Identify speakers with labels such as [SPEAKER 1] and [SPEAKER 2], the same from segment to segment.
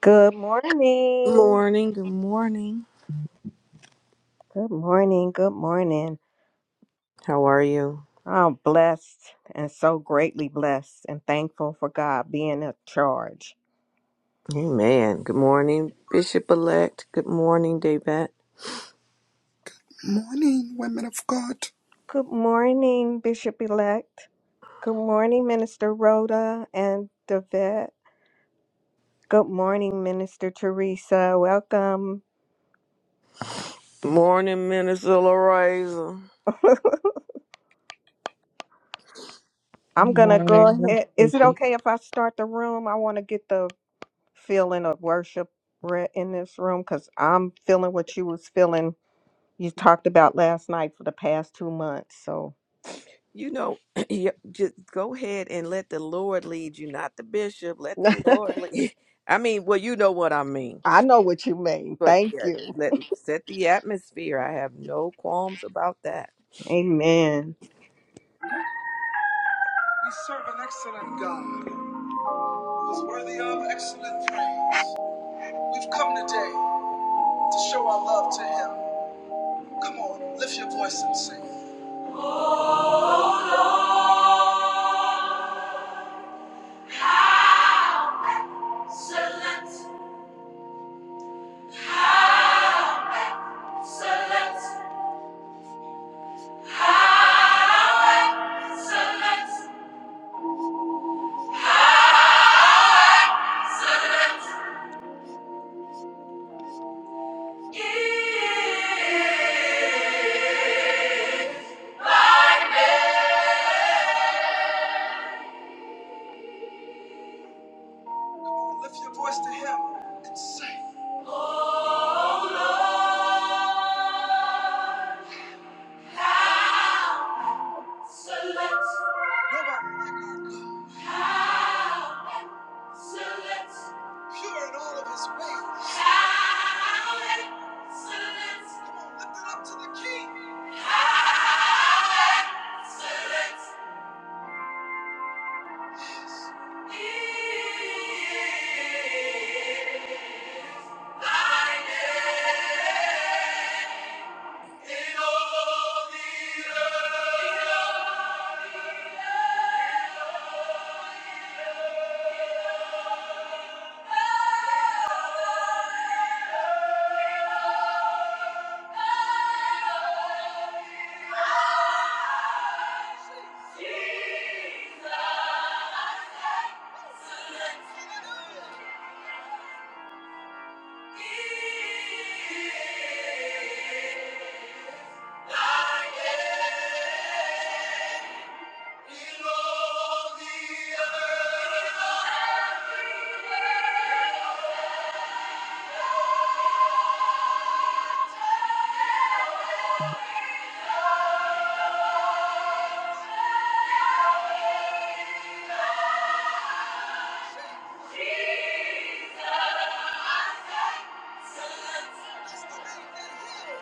[SPEAKER 1] Good morning.
[SPEAKER 2] Morning, good morning.
[SPEAKER 1] Good morning. Good morning.
[SPEAKER 2] How are you?
[SPEAKER 1] I'm blessed and so greatly blessed and thankful for God being in charge.
[SPEAKER 2] Amen. Good morning, Bishop elect. Good morning, Daybet.
[SPEAKER 3] Morning, women of God.
[SPEAKER 1] Good morning, Bishop elect. Good morning, Minister Rhoda and Davette. Good morning, Minister Teresa. Welcome.
[SPEAKER 2] Morning, Minister Loreza.
[SPEAKER 1] I'm going to go
[SPEAKER 4] Morning.
[SPEAKER 1] ahead. Is it
[SPEAKER 4] Appreciate
[SPEAKER 1] okay if I start the room? I want to get the feeling of worship re- in this room because I'm feeling what you was feeling you talked about last night for the past two months. So,
[SPEAKER 2] You know, you- just go ahead and let the Lord lead you, not the bishop. Let the Lord lead. I mean, well, you know what I mean.
[SPEAKER 1] I know what you mean.
[SPEAKER 2] But
[SPEAKER 1] Thank
[SPEAKER 2] yeah,
[SPEAKER 1] you.
[SPEAKER 2] let set the atmosphere. I have no qualms about that.
[SPEAKER 1] amen. We serve an excellent God who's worthy of excellent praise. We've come today to show our love to him. Come on, lift your voice and sing. Excellent, excellent, excellent, excellent. Lift your voice to him and say, oh Lord, how select. Nobody like our God. How Excellent. Pure in all of his ways. Excellent. Come on, lift it up to the king. Excellent. Yes. He is thy name. In all the earth, that's the name that heals.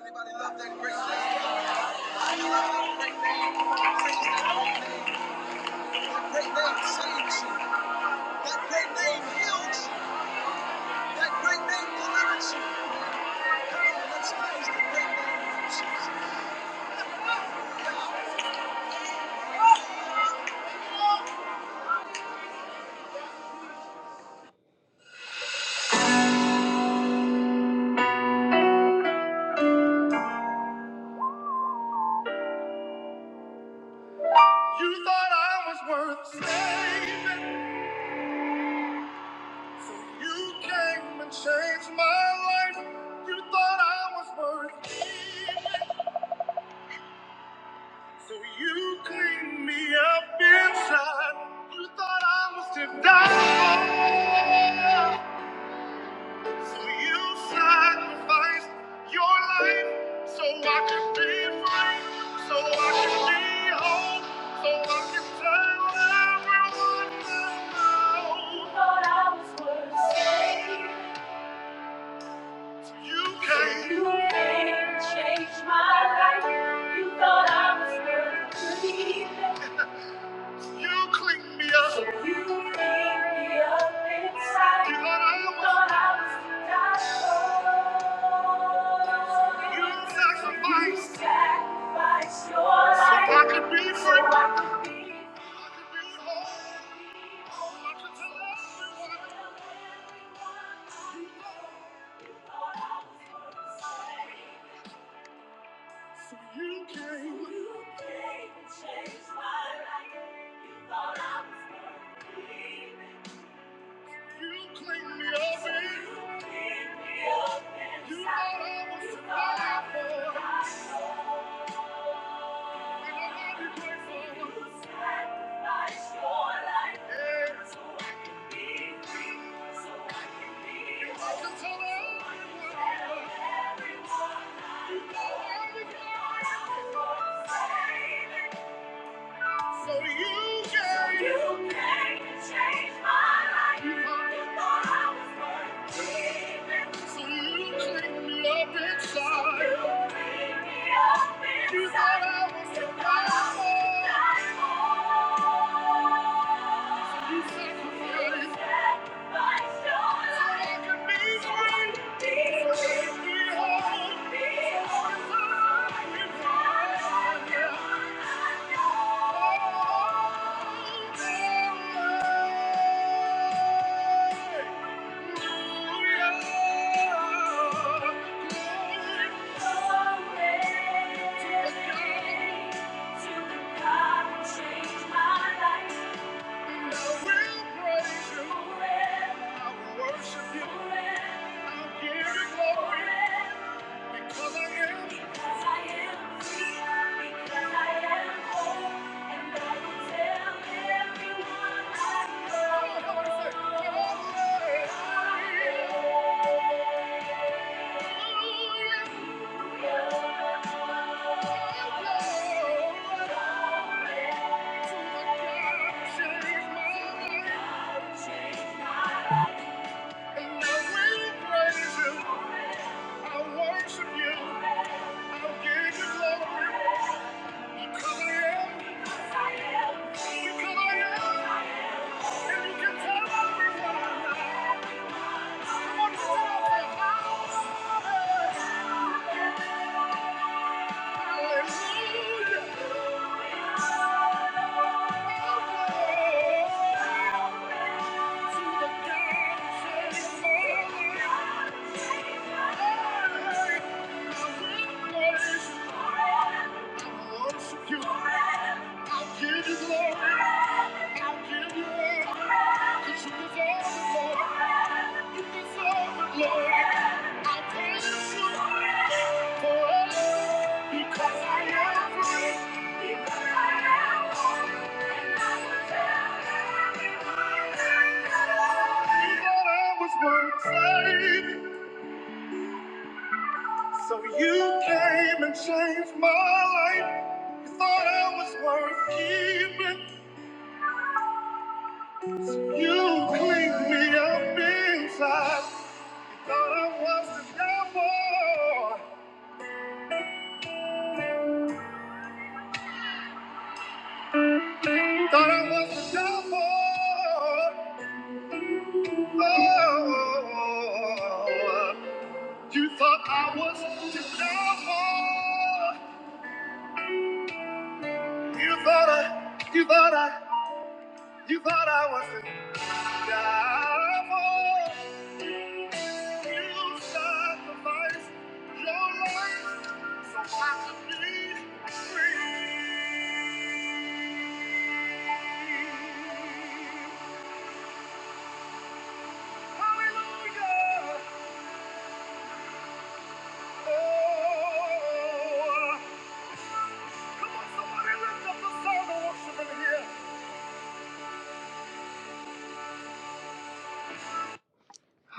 [SPEAKER 1] Anybody love that great name? That great name saves you. That great name heals you. That great name delivers you. You thought I was worth saving, so you came and changed my life. You thought I was worth keeping, so you cleaned me up inside. You thought I was to die. So you sacrificed your life so I could be free, so I could be whole, so I could tell everyone I know. Thought I was worth saving. So you came. changed my life. You thought I was worth believing. You clean me up. You clean me up inside. You thought I was, thought I was to die for. You sacrificed. You sacrificed your life. So I could be free. So I could be free. I could be whole. Oh, I could tell everyone. You thought I was going to say. So you came. You came and changed my life. You thought I was perfect. You cleaned me up and you cleaned me up inside. you thought I was you so you can, you can change my life. You thought I was worth leaving. So you clean me up inside. You thought I was to die for. So you sacrificed. So I could be free. So make me whole. Change my life. I will praise you. I will worship you. I'll give you glory because I am. Because I am free. Because I am whole. And I will tell everyone I know. Come on, come on, say, Glory. Glory. Thank you. Hallelujah i worship you. i give you glory. i give you honor. 'Cause you deserve it, Lord. You deserve it, Lord. I praise you forever because I am free. Because I am holy, and I will tell everyone you thought I was worth saving, so you came and changed my life. Thought I was worth keeping. You cleaned me up inside. Thought I was the devil. Thought I was the devil. Oh, you thought I was the devil. You thought I, you thought I, you thought I was the devil.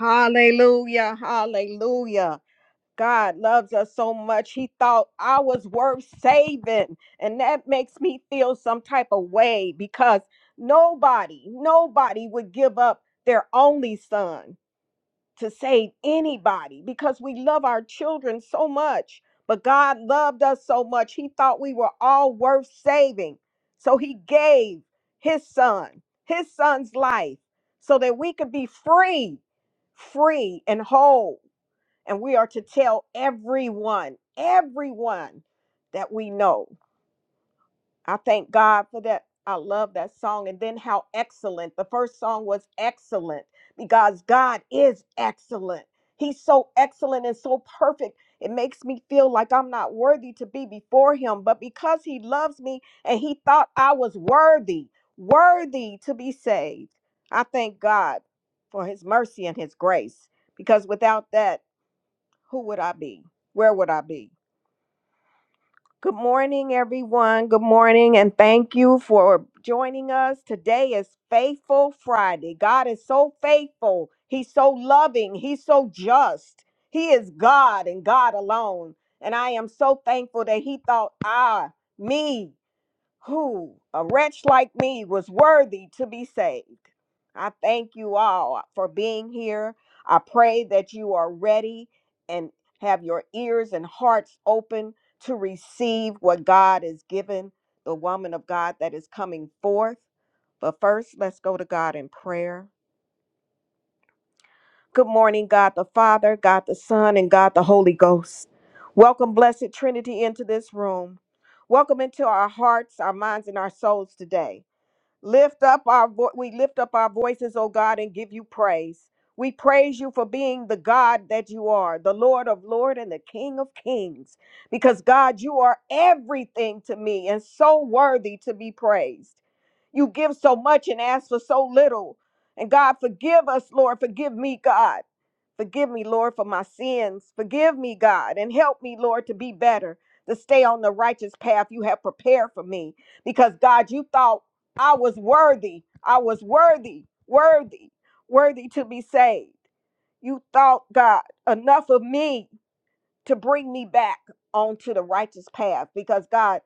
[SPEAKER 1] Hallelujah, hallelujah. God loves us so much. He thought I was worth saving. And that makes me feel some type of way because nobody, nobody would give up their only son to save anybody because we love our children so much. But God loved us so much. He thought we were all worth saving. So he gave his son, his son's life, so that we could be free, free and whole and we are to tell everyone, everyone that we know. I thank God for that. I love that song. And then how excellent. The first song was excellent because God is excellent. He's so excellent and so perfect. It makes me feel like I'm not worthy to be before Him. But because He loves me and He thought I was worthy, worthy to be saved, I thank God for His mercy and His grace because without that, who would I be? Where would I be? Good morning, everyone. Good morning, and thank you for joining us. Today is Faithful Friday. God is so faithful. He's so loving. He's so just. He is God and God alone. And I am so thankful that He thought, ah, me who, a wretch like me, was worthy to be saved. I thank you all for being here. I pray that you are ready and have your ears and hearts open to receive what God has given the woman of God that is coming forth. But first, let's go to God in prayer. Good morning, God the Father, God the Son, and God the Holy Ghost. Welcome, Blessed Trinity, into this room. Welcome into our hearts, our minds, and our souls today. Lift up our vo- we lift up our voices, O God, and give you praise. We praise you for being the God that you are, the Lord of lords and the King of Kings. Because God, you are everything to me and so worthy to be praised. You give so much and ask for so little. And God, forgive us, Lord. Forgive me, God. Forgive me, Lord, for my sins. Forgive me, God, and help me, Lord, to be better, to stay on the righteous path you have prepared for me. Because God, you thought I was worthy. I was worthy, worthy, worthy to be saved. You thought, God, enough of me to bring me back onto the righteous path because God,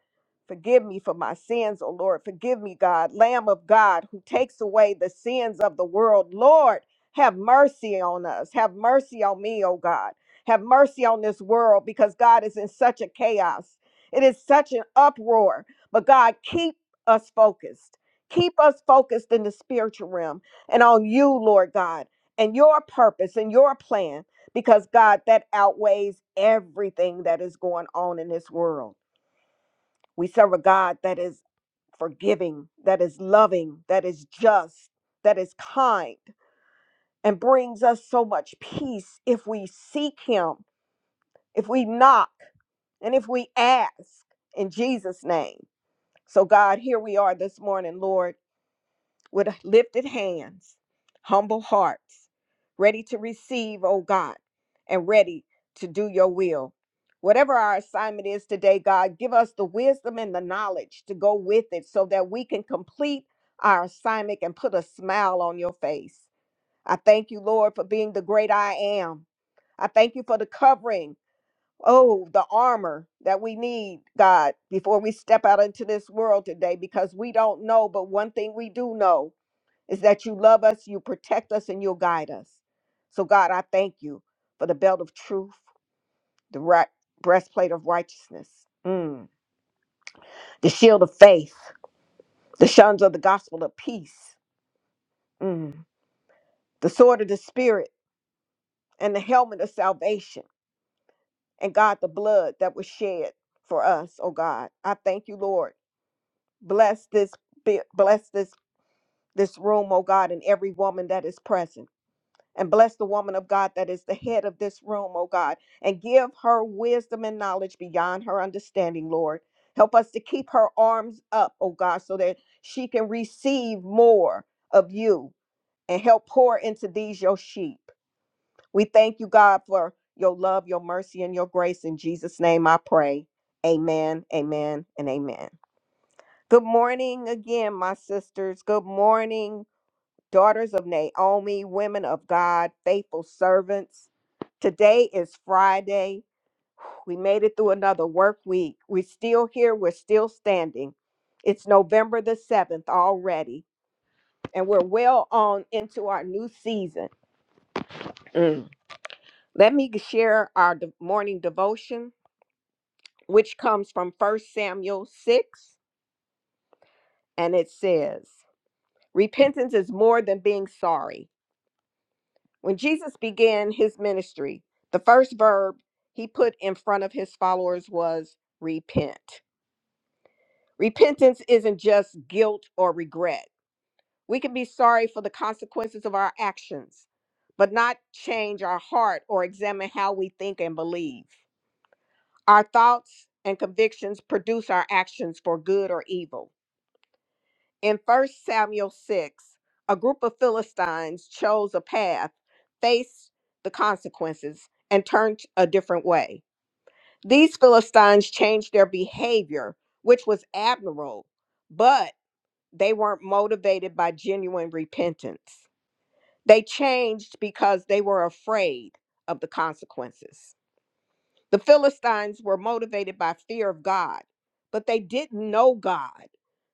[SPEAKER 1] forgive me for my sins, O Lord. Forgive me, God, Lamb of God who takes away the sins of the world. Lord, have mercy on us. Have mercy on me, O God. Have mercy on this world because God is in such a chaos. It is such an uproar. But God, keep us focused. Keep us focused in the spiritual realm and on you, Lord God, and your purpose and your plan because God, that outweighs everything that is going on in this world. We serve a God that is forgiving, that is loving, that is just, that is kind, and brings us so much peace if we seek Him, if we knock, and if we ask in Jesus' name. So, God, here we are this morning, Lord. with lifted hands, humble hearts, ready to receive, oh God, and ready to do your will. Whatever our assignment is today, God, give us the wisdom and the knowledge to go with it so that we can complete our assignment and put a smile on your face. I thank you, Lord, for being the great I am. I thank you for the covering, oh, the armor that we need, God, before we step out into this world today, because we don't know, but one thing we do know is that you love us, you protect us, and you'll guide us. So, God, I thank you for the belt of truth, the right breastplate of righteousness, mm, the shield of faith, the shuns of the gospel of peace, mm, the sword of the spirit, and the helmet of salvation. And God, the blood that was shed for us, oh God. I thank you, Lord. Bless this bi- bless this this room, oh God, and every woman that is present. and bless the woman of God that is the head of this room, oh God, and give her wisdom and knowledge beyond her understanding, Lord. Help us to keep her arms up, oh God, so that she can receive more of you and help pour into these your sheep. We thank you, God, for your love, your mercy, and your grace. In Jesus' name I pray. Amen, amen, and amen. Good morning again, my sisters. Good morning daughters of Naomi, women of God, faithful servants. Today is Friday. We made it through another work week. We're still here, we're still standing. It's November the 7th already, and we're well on into our new season. Mm. Let me share our de- morning devotion, which comes from First Samuel 6, and it says, Repentance is more than being sorry. When Jesus began his ministry, the first verb he put in front of his followers was repent. Repentance isn't just guilt or regret. We can be sorry for the consequences of our actions, but not change our heart or examine how we think and believe. Our thoughts and convictions produce our actions for good or evil. In First Samuel 6, a group of Philistines chose a path, faced the consequences, and turned a different way. These Philistines changed their behavior, which was admirable, but they weren't motivated by genuine repentance. They changed because they were afraid of the consequences. The Philistines were motivated by fear of God, but they didn't know God.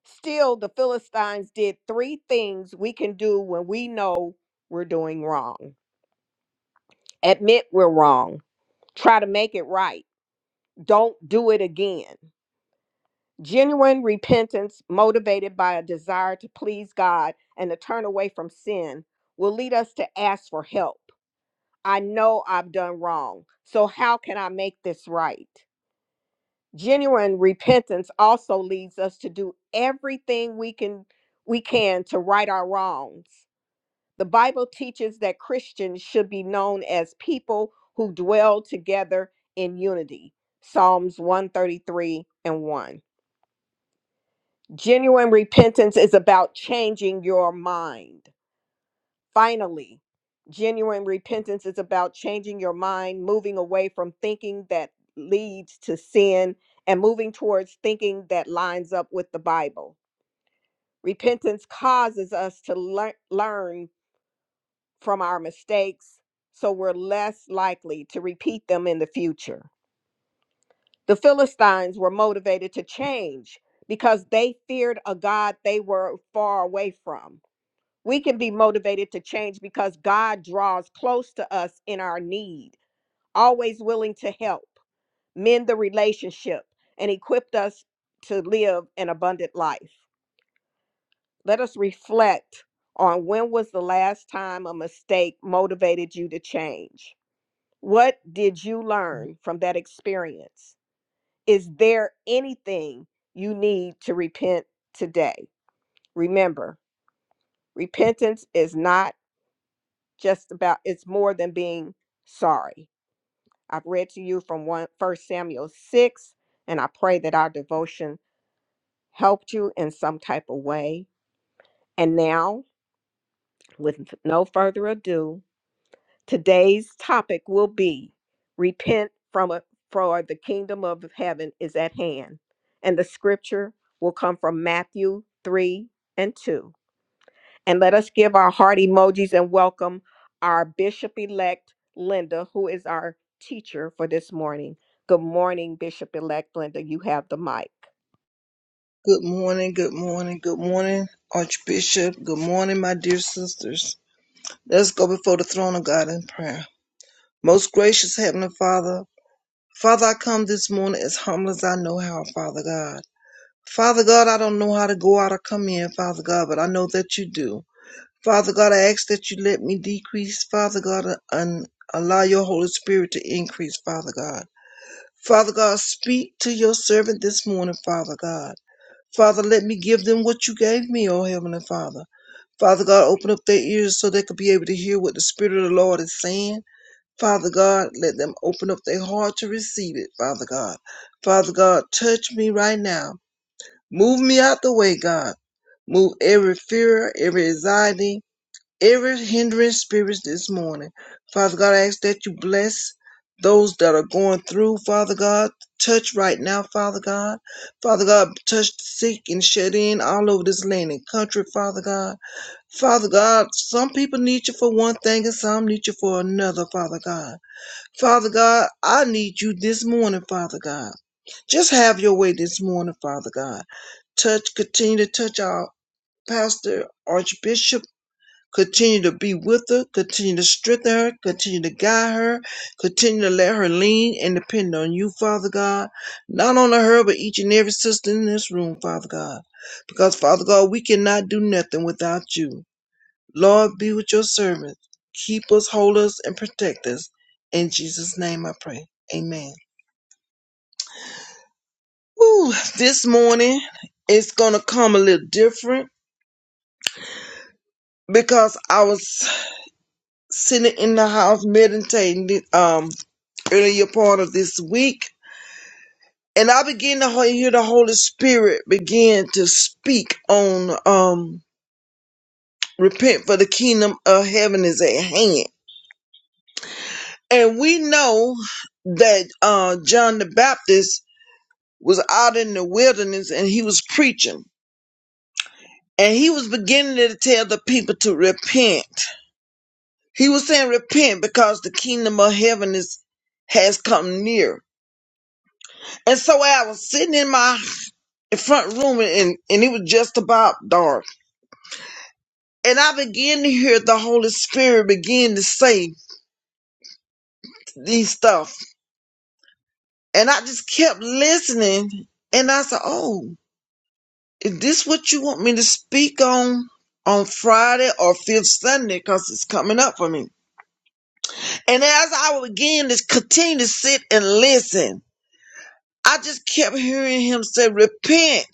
[SPEAKER 1] Still, the Philistines did three things we can do when we know we're doing wrong admit we're wrong, try to make it right, don't do it again. Genuine repentance, motivated by a desire to please God and to turn away from sin, will lead us to ask for help. I know I've done wrong, so how can I make this right? genuine repentance also leads us to do everything we can we can to right our wrongs the bible teaches that christians should be known as people who dwell together in unity psalms 133 and 1 genuine repentance is about changing your mind Finally, genuine repentance is about changing your mind, moving away from thinking that leads to sin, and moving towards thinking that lines up with the Bible. Repentance causes us to lear- learn from our mistakes so we're less likely to repeat them in the future. The Philistines were motivated to change because they feared a God they were far away from. we can be motivated to change because God draws close to us in our need, always willing to help, mend the relationship, and equipped us to live an abundant life. Let us reflect on when was the last time a mistake motivated you to change? What did you learn from that experience? Is there anything you need to repent today? Remember, repentance is not just about it's more than being sorry. I've read to you from one first Samuel six, and I pray that our devotion helped you in some type of way. And now, with no further ado, today's topic will be repent from a, for the kingdom of heaven is at hand. And the scripture will come from Matthew 3 and 2. And let us give our heart emojis and welcome our Bishop elect Linda, who is our teacher for this morning. Good morning, Bishop elect Linda. You have the mic.
[SPEAKER 5] Good morning, good morning, good morning, Archbishop. Good morning, my dear sisters. Let's go before the throne of God in prayer. Most gracious Heavenly Father, Father, I come this morning as humble as I know how, Father God. Father God, I don't know how to go out or come in, Father God, but I know that you do. Father God, I ask that you let me decrease, Father God, and allow your Holy Spirit to increase, Father God. Father God, speak to your servant this morning, Father God. Father, let me give them what you gave me, O Heavenly Father. Father God, open up their ears so they could be able to hear what the Spirit of the Lord is saying. Father God, let them open up their heart to receive it, Father God. Father God, touch me right now. Move me out the way, God. Move every fear, every anxiety, every hindering spirit this morning. Father God, I ask that you bless those that are going through, Father God. Touch right now, Father God. Father God, touch the sick and shut in all over this land and country, Father God. Father God, some people need you for one thing and some need you for another, Father God. Father God, I need you this morning, Father God. Just have your way this morning, Father God. Touch, continue to touch our pastor, Archbishop. Continue to be with her, continue to strengthen her, continue to guide her, continue to let her lean and depend on you, Father God. Not only her, but each and every sister in this room, Father God. Because, Father God, we cannot do nothing without you. Lord, be with your servants. Keep us, hold us, and protect us. In Jesus' name I pray. Amen. Ooh, this morning it's gonna come a little different because I was sitting in the house meditating. Um, earlier part of this week. And I begin to he- hear the Holy Spirit begin to speak on um, repent for the kingdom of heaven is at hand. And we know that uh, John the Baptist was out in the wilderness and he was preaching. And he was beginning to tell the people to repent. He was saying repent because the kingdom of heaven is has come near. And so I was sitting in my front room and, and it was just about dark. And I began to hear the Holy Spirit begin to say these stuff. And I just kept listening. And I said, Oh, is this what you want me to speak on on Friday or fifth Sunday? Because it's coming up for me. And as I began to continue to sit and listen, I just kept hearing him say, Repent,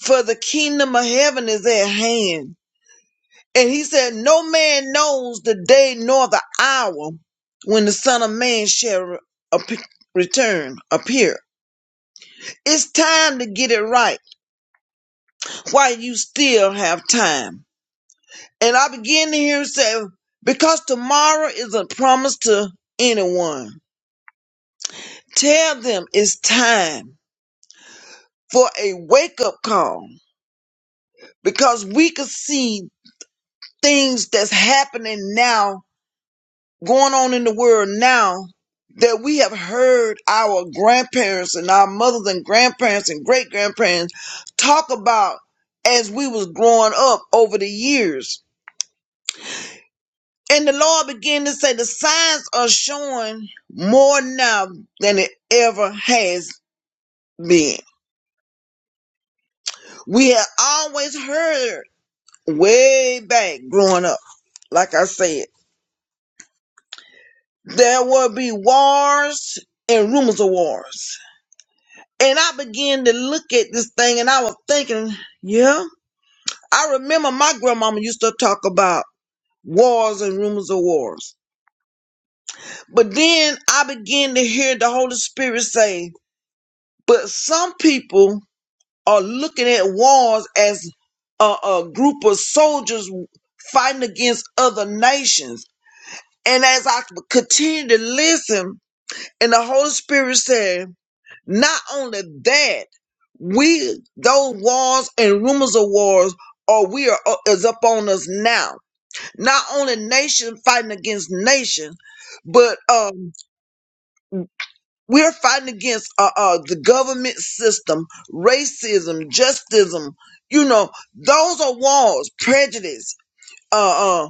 [SPEAKER 5] for the kingdom of heaven is at hand And he said, No man knows the day nor the hour when the Son of Man shall re- ap- return, appear. It's time to get it right while you still have time. And I begin to hear him say, Because tomorrow isn't promised to anyone. Tell them it's time for a wake up call because we can see things that's happening now going on in the world now that we have heard our grandparents and our mothers and grandparents and great grandparents talk about as we was growing up over the years. And the Lord began to say the signs are showing more now than it ever has been. We have always heard way back growing up, like I said, there will be wars and rumors of wars And I began to look at this thing and I was thinking, yeah, I remember my grandmama used to talk about wars and rumors of wars. But then I began to hear the Holy Spirit say, but some people are looking at wars as a, a group of soldiers fighting against other nations. And as I continued to listen, and the Holy Spirit said, not only that, we those wars and rumors of wars are we are uh, is up on us now not only nation fighting against nation but um we're fighting against uh, uh the government system racism justism you know those are wars prejudice uh, uh,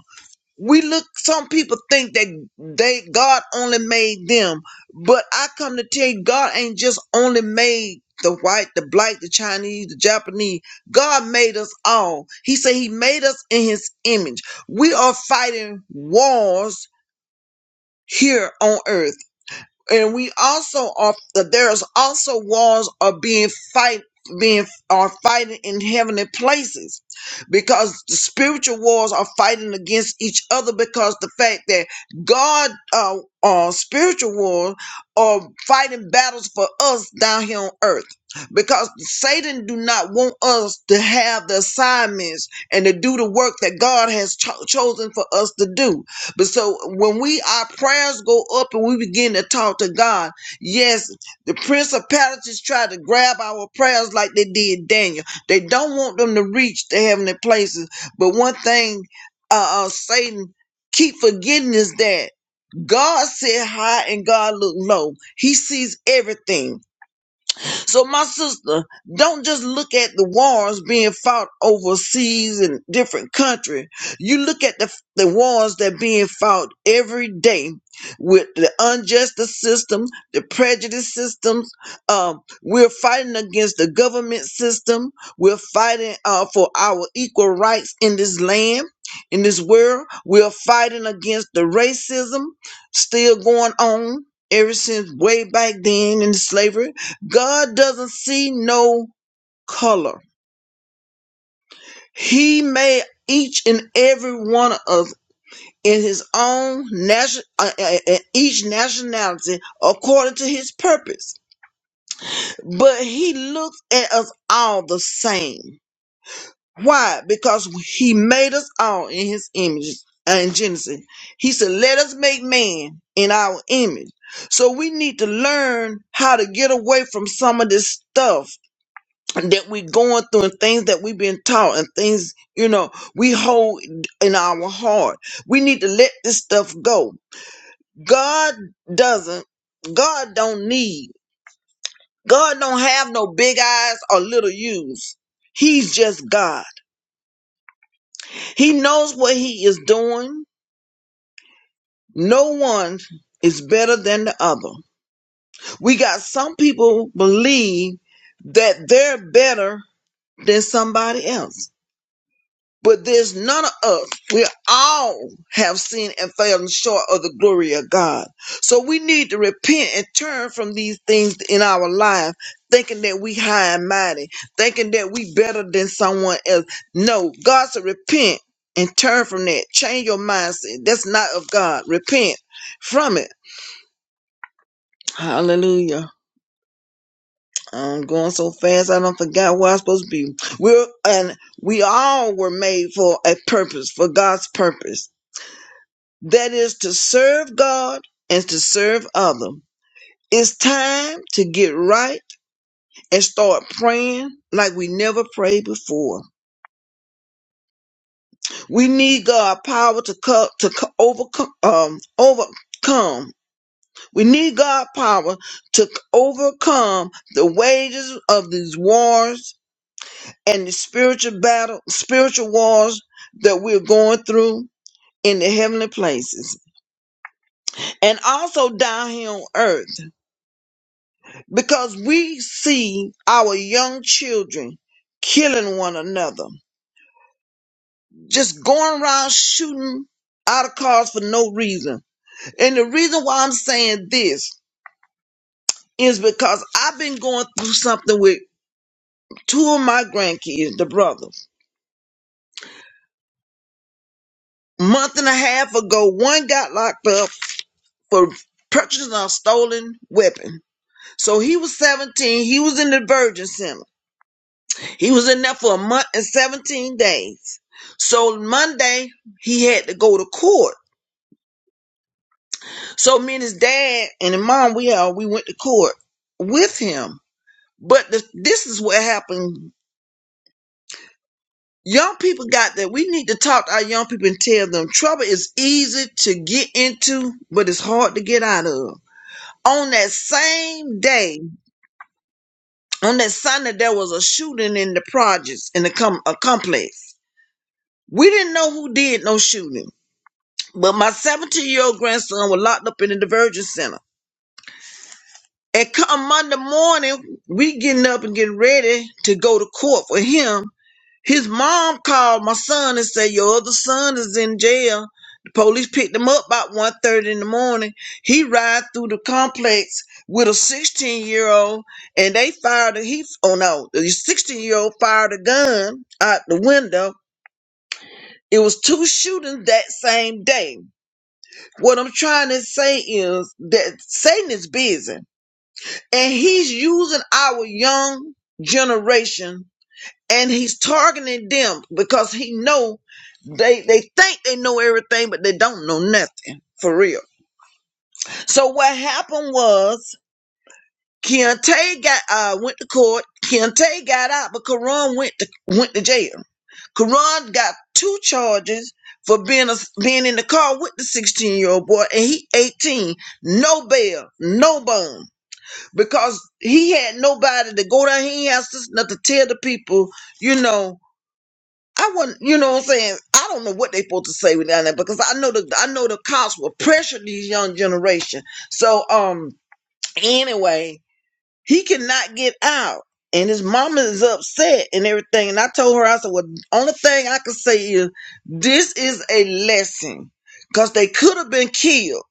[SPEAKER 5] we look some people think that they god only made them but i come to tell you god ain't just only made the white the black the chinese the japanese god made us all he said he made us in his image we are fighting wars here on earth and we also are there's also wars are being fight being are fighting in heavenly places because the spiritual wars are fighting against each other because the fact that god uh, uh spiritual wars are fighting battles for us down here on earth because satan do not want us to have the assignments and to do the work that god has cho- chosen for us to do but so when we our prayers go up and we begin to talk to God, yes, the principalities try to grab our prayers like they did Daniel. They don't want them to reach the heavenly places. But one thing uh, uh Satan keep forgetting is that God sit high and God look low. He sees everything. So, my sister, don't just look at the wars being fought overseas in different countries. You look at the, the wars that being fought every day with the unjust system, the prejudice systems. Um, we're fighting against the government system. We're fighting uh, for our equal rights in this land. In this world, we're fighting against the racism still going on ever since way back then in slavery. God doesn't see no color. He made each and every one of us in his own nation, uh, uh, uh, each nationality according to his purpose. But he looks at us all the same. Why? Because he made us all in his image. uh, In Genesis, he said, Let us make man in our image. So we need to learn how to get away from some of this stuff that we're going through and things that we've been taught and things you know we hold in our heart we need to let this stuff go god doesn't god don't need god don't have no big eyes or little u's he's just god he knows what he is doing no one is better than the other we got some people believe that they're better than somebody else But there's none of us. We all have sinned and fallen short of the glory of God. So we need to repent and turn from these things in our life, thinking that we high and mighty, thinking that we better than someone else. No, God said repent and turn from that. Change your mindset. That's not of God. Repent from it. Hallelujah. I'm going so fast I don't forget where I'm supposed to be. We're and we all were made for a purpose, for God's purpose. that is to serve God and to serve others. It's time to get right and start praying like we never prayed before. We need God power to co- to co- overcome um overcome. We need God power to c- overcome the wages of these wars and the spiritual battle, spiritual wars that we're going through in the heavenly places and also down here on earth. because we see our young children killing one another, just going around shooting out of cars for no reason. And the reason why I'm saying this is because I've been going through something with two of my grandkids, the brothers. Month and a half ago, one got locked up for purchasing a stolen weapon. So he was 17, he was in the Virgin Center. He was in there for a month and 17 days. So Monday he had to go to court. So me and his dad and his mom, we all we went to court with him. But the, this is what happened. Young people got that. We need to talk to our young people and tell them trouble is easy to get into, but it's hard to get out of. On that same day, on that Sunday, there was a shooting in the projects in the com- a complex. We didn't know who did no shooting. But my 17 year old grandson was locked up in the diversion center. And come Monday morning, we getting up and getting ready to go to court for him. His mom called my son and said, Your other son is in jail. The police picked him up about one-thirty in the morning. He ride through the complex with a 16 year old and they fired a he oh no, the 16 year old fired a gun out the window. It was two shootings that same day. What I'm trying to say is that Satan is busy and he's using our young generation and he's targeting them because he know they they think they know everything but they don't know nothing for real. So what happened was Kente got uh, went to court. Kente got out, but Karan went to went to jail. Karan got two charges for being a, being in the car with the 16 year old boy, and he 18. No bail, no bond, because he had nobody to go down. He has nothing to tell the people, you know. I wouldn't, you know what I'm saying? I don't know what they supposed to say down there because I know the I know the cops will pressure these young generation. So um, anyway, he cannot get out. And his mama is upset and everything. And I told her, I said, well, only thing I can say is this is a lesson because they could have been killed.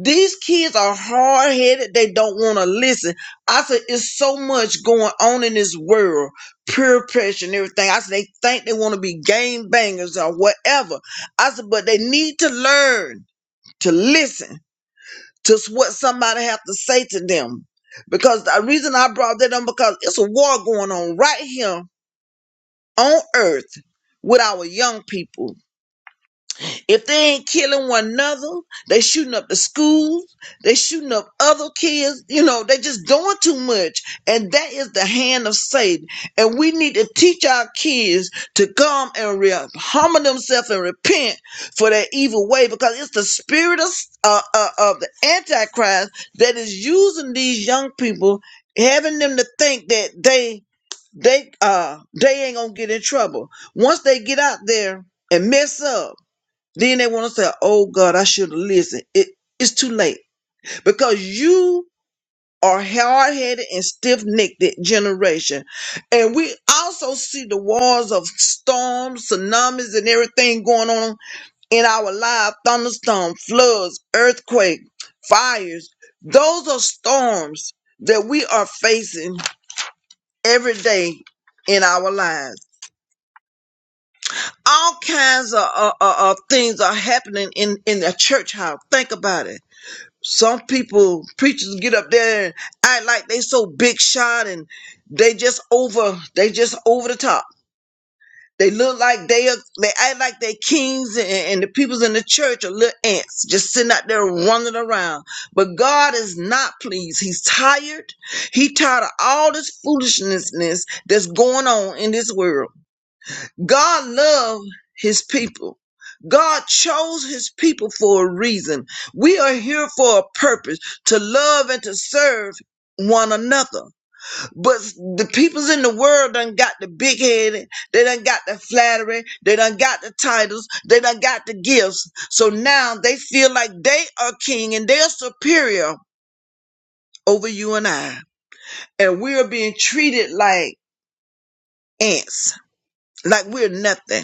[SPEAKER 5] These kids are hard headed. They don't want to listen. I said, it's so much going on in this world, peer pressure and everything. I said, they think they want to be game bangers or whatever. I said, but they need to learn to listen to what somebody have to say to them. Because the reason I brought that up because it's a war going on right here on earth with our young people if they ain't killing one another, they shooting up the schools, they shooting up other kids, you know, they just doing too much. And that is the hand of Satan. And we need to teach our kids to come and re- humble themselves and repent for their evil way because it's the spirit of, uh, uh, of the Antichrist that is using these young people, having them to think that they, they, uh, they ain't gonna get in trouble. Once they get out there and mess up, then they want to say, oh God, I should have listened. It, it's too late because you are hard headed and stiff necked generation. And we also see the wars of storms, tsunamis, and everything going on in our life thunderstorm, floods, earthquake, fires. Those are storms that we are facing every day in our lives. All kinds of uh, uh, uh, things are happening in, in the church house. Think about it some people preachers get up there and act like they so big shot and they just over they just over the top they look like they are they act like they kings and, and the peoples in the church are little ants just sitting out there running around but god is not pleased he's tired he tired of all this foolishness that's going on in this world God loved his people. God chose his people for a reason. We are here for a purpose to love and to serve one another. But the peoples in the world done got the big headed, they done got the flattery, they done got the titles, they done got the gifts. So now they feel like they are king and they're superior over you and I. And we are being treated like ants, like we're nothing.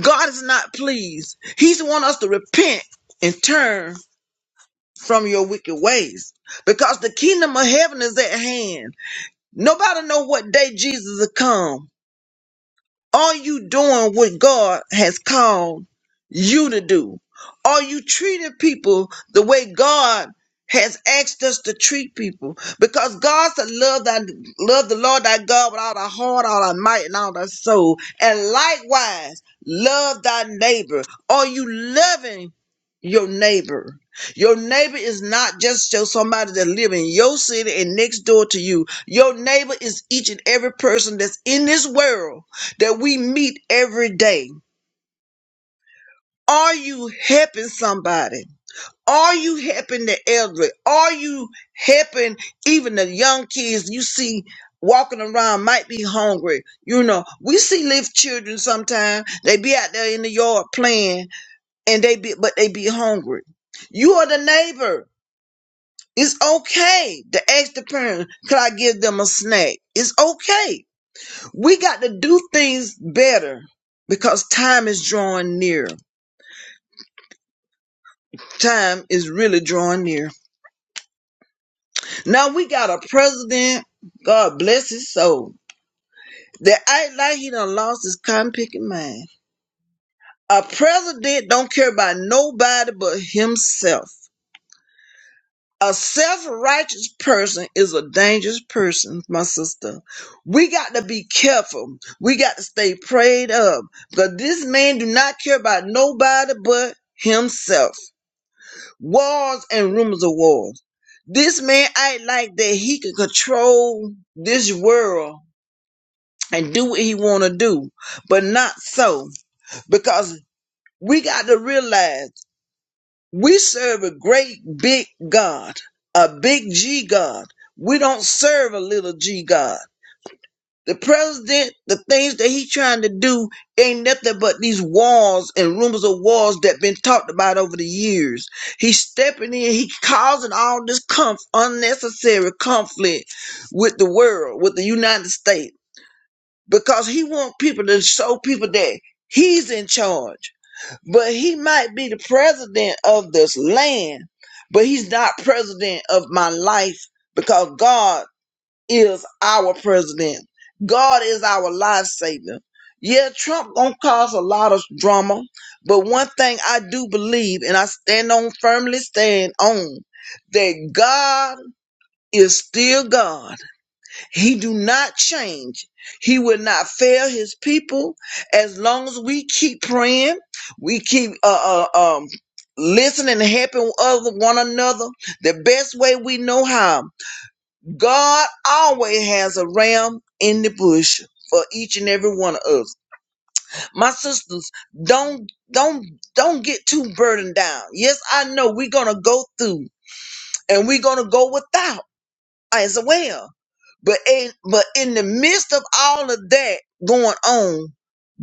[SPEAKER 5] God is not pleased. He's want us to repent and turn from your wicked ways because the kingdom of heaven is at hand. Nobody know what day Jesus will come. Are you doing what God has called you to do? Are you treating people the way God has asked us to treat people? Because God said, love, thy, love the Lord thy God with all thy heart, all thy might, and all thy soul. And likewise, love thy neighbor. Are you loving your neighbor? Your neighbor is not just just somebody that live in your city and next door to you. Your neighbor is each and every person that's in this world that we meet every day. Are you helping somebody? Are you helping the elderly? Are you helping even the young kids you see walking around might be hungry? You know, we see little children sometimes. They be out there in the yard playing and they be but they be hungry. You are the neighbor. It's okay to ask the parent, could I give them a snack? It's okay. We got to do things better because time is drawing near. time is really drawing near. Now we got a president, God bless his soul, that act like he done lost his cotton picking mind. A president don't care about nobody but himself. A self-righteous person is a dangerous person, my sister. We got to be careful. We got to stay prayed up because this man do not care about nobody but himself. wars and rumors of wars. This man act like that he can control this world and do what he want to do, but not so because we got to realize we serve a great big God, a big G God. We don't serve a little G God. The president, the things that he trying to do ain't nothing but these walls and rumors of walls that been talked about over the years. He's stepping in, he causing all this conf- unnecessary conflict with the world, with the United States, because he want people to show people that he's in charge. But he might be the president of this land, but he's not president of my life because God is our president. God is our life savior. Yeah, Trump gonna cause a lot of drama, but one thing I do believe, and I stand on firmly stand on, that God is still God. He do not change. He will not fail His people as long as we keep praying, we keep uh, uh um listening and helping other one another the best way we know how. God always has a ram in the bush for each and every one of us. My sisters, don't don't don't get too burdened down. Yes, I know we're gonna go through and we're gonna go without as well. But in, but in the midst of all of that going on,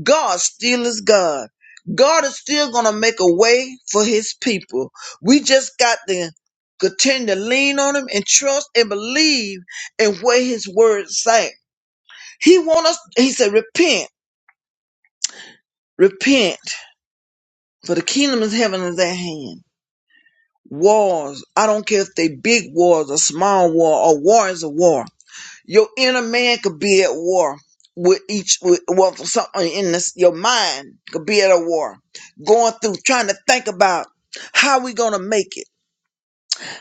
[SPEAKER 5] God still is God. God is still going to make a way for his people. We just got to continue to lean on him and trust and believe in what his word say. He want us, he said, repent, repent, for the kingdom of heaven is at hand. Wars, I don't care if they big wars or small war or war is a war. Your inner man could be at war with each with well something in this your mind could be at a war. Going through trying to think about how we gonna make it.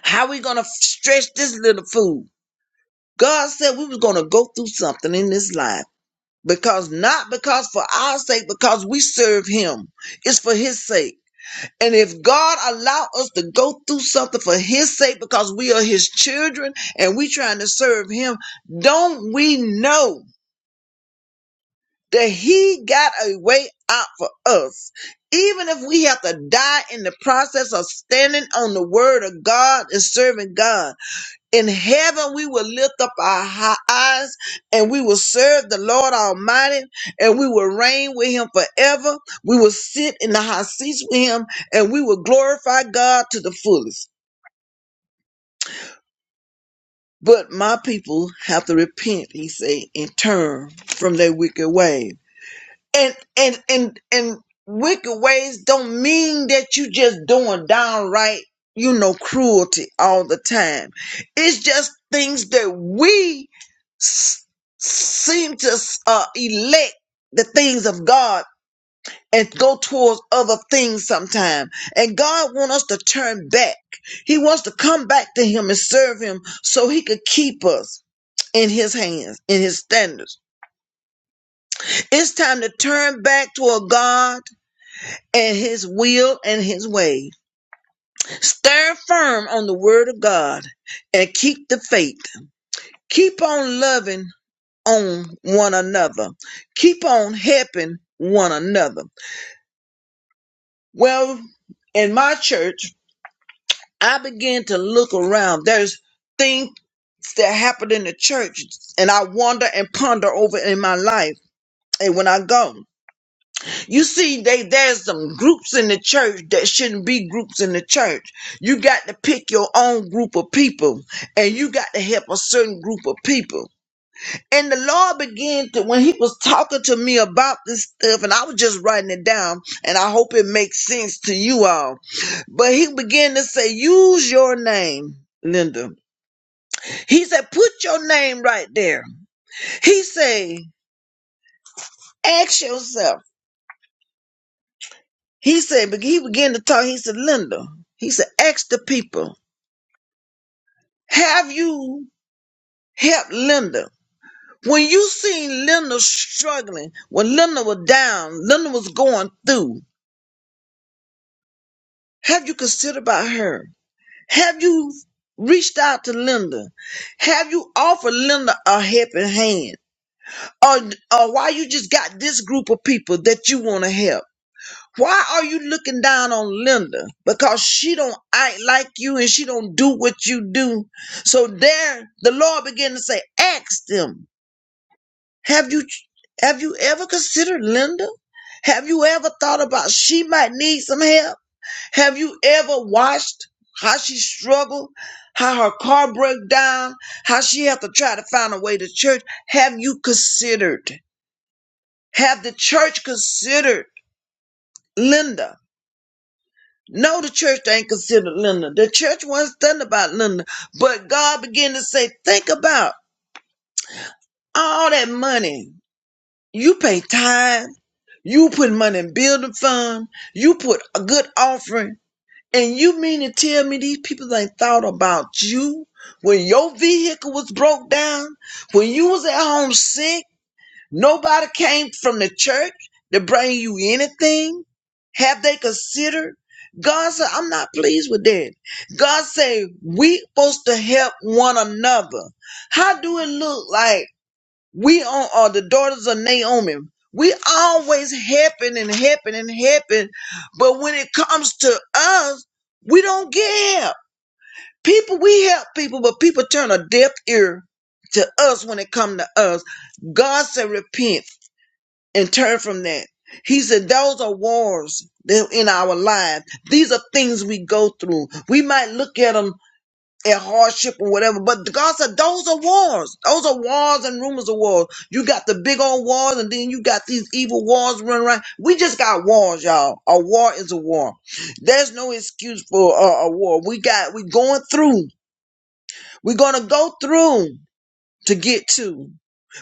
[SPEAKER 5] How we gonna stretch this little food. God said we was gonna go through something in this life. Because not because for our sake, because we serve him. It's for his sake. And if God allow us to go through something for his sake because we are his children and we trying to serve him, don't we know that he got a way out for us. Even if we have to die in the process of standing on the word of God and serving God. In heaven, we will lift up our hi- eyes and we will serve the Lord Almighty and we will reign with him forever. We will sit in the high seats with him and we will glorify God to the fullest. But my people have to repent, he said, and turn from their wicked ways. and and and and wicked ways don't mean that you just doing downright you know cruelty all the time it's just things that we s- seem to uh, elect the things of god and go towards other things sometime and god wants us to turn back he wants to come back to him and serve him so he could keep us in his hands in his standards it's time to turn back to a god and his will and his way. Stand firm on the word of God and keep the faith. Keep on loving on one another. Keep on helping one another. Well, in my church, I began to look around. There's things that happen in the church and I wonder and ponder over in my life and when I go. You see, they there's some groups in the church that shouldn't be groups in the church. You got to pick your own group of people, and you got to help a certain group of people. And the Lord began to when He was talking to me about this stuff, and I was just writing it down, and I hope it makes sense to you all. But He began to say, "Use your name, Linda." He said, "Put your name right there." He said, "Ask yourself." He said, but he began to talk. He said, Linda, he said, ask the people, have you helped Linda? When you seen Linda struggling, when Linda was down, Linda was going through, have you considered about her? Have you reached out to Linda? Have you offered Linda a helping hand? Or, or why you just got this group of people that you want to help? Why are you looking down on Linda? Because she don't act like you and she don't do what you do. So there the Lord began to say, ask them, have you have you ever considered Linda? Have you ever thought about she might need some help? Have you ever watched how she struggled, how her car broke down, how she had to try to find a way to church? Have you considered? Have the church considered Linda? No, the church ain't considered Linda. The church wasn't studying about Linda. But God began to say, think about all that money. You pay tithe. You put money in building fund. You put a good offering. And you mean to tell me these people ain't thought about you? When your vehicle was broke down, when you was at home sick, Nobody came from the church to bring you anything. Have they considered? God said, I'm not pleased with that. God said, we supposed to help one another. How do it look like we on- are the daughters of Naomi? We always helping and helping and helping, but when it comes to us, we don't get help. People, we help people, but people turn a deaf ear to us when it come to us. God said, repent and turn from that. He said, those are wars that- in our lives. These are things we go through. We might look at them at hardship or whatever, but God said, those are wars. Those are wars and rumors of wars. You got the big old wars and then you got these evil wars running around. We just got wars, y'all. A war is a war. There's no excuse for a, a war. We got, we going through. We're going to go through to get to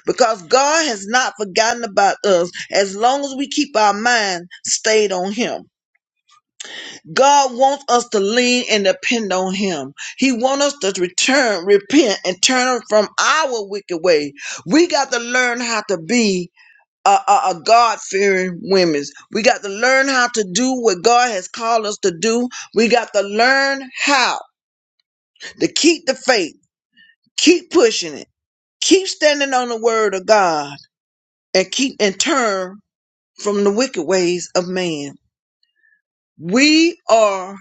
[SPEAKER 5] because God has not forgotten about us as long as we keep our mind stayed on Him. God wants us to lean and depend on Him. He wants us to return, repent, and turn from our wicked way. We got to learn how to be a, a, a God fearing women. We got to learn how to do what God has called us to do. We got to learn how to keep the faith, keep pushing it, keep standing on the word of God and keep and turn from the wicked ways of man. We are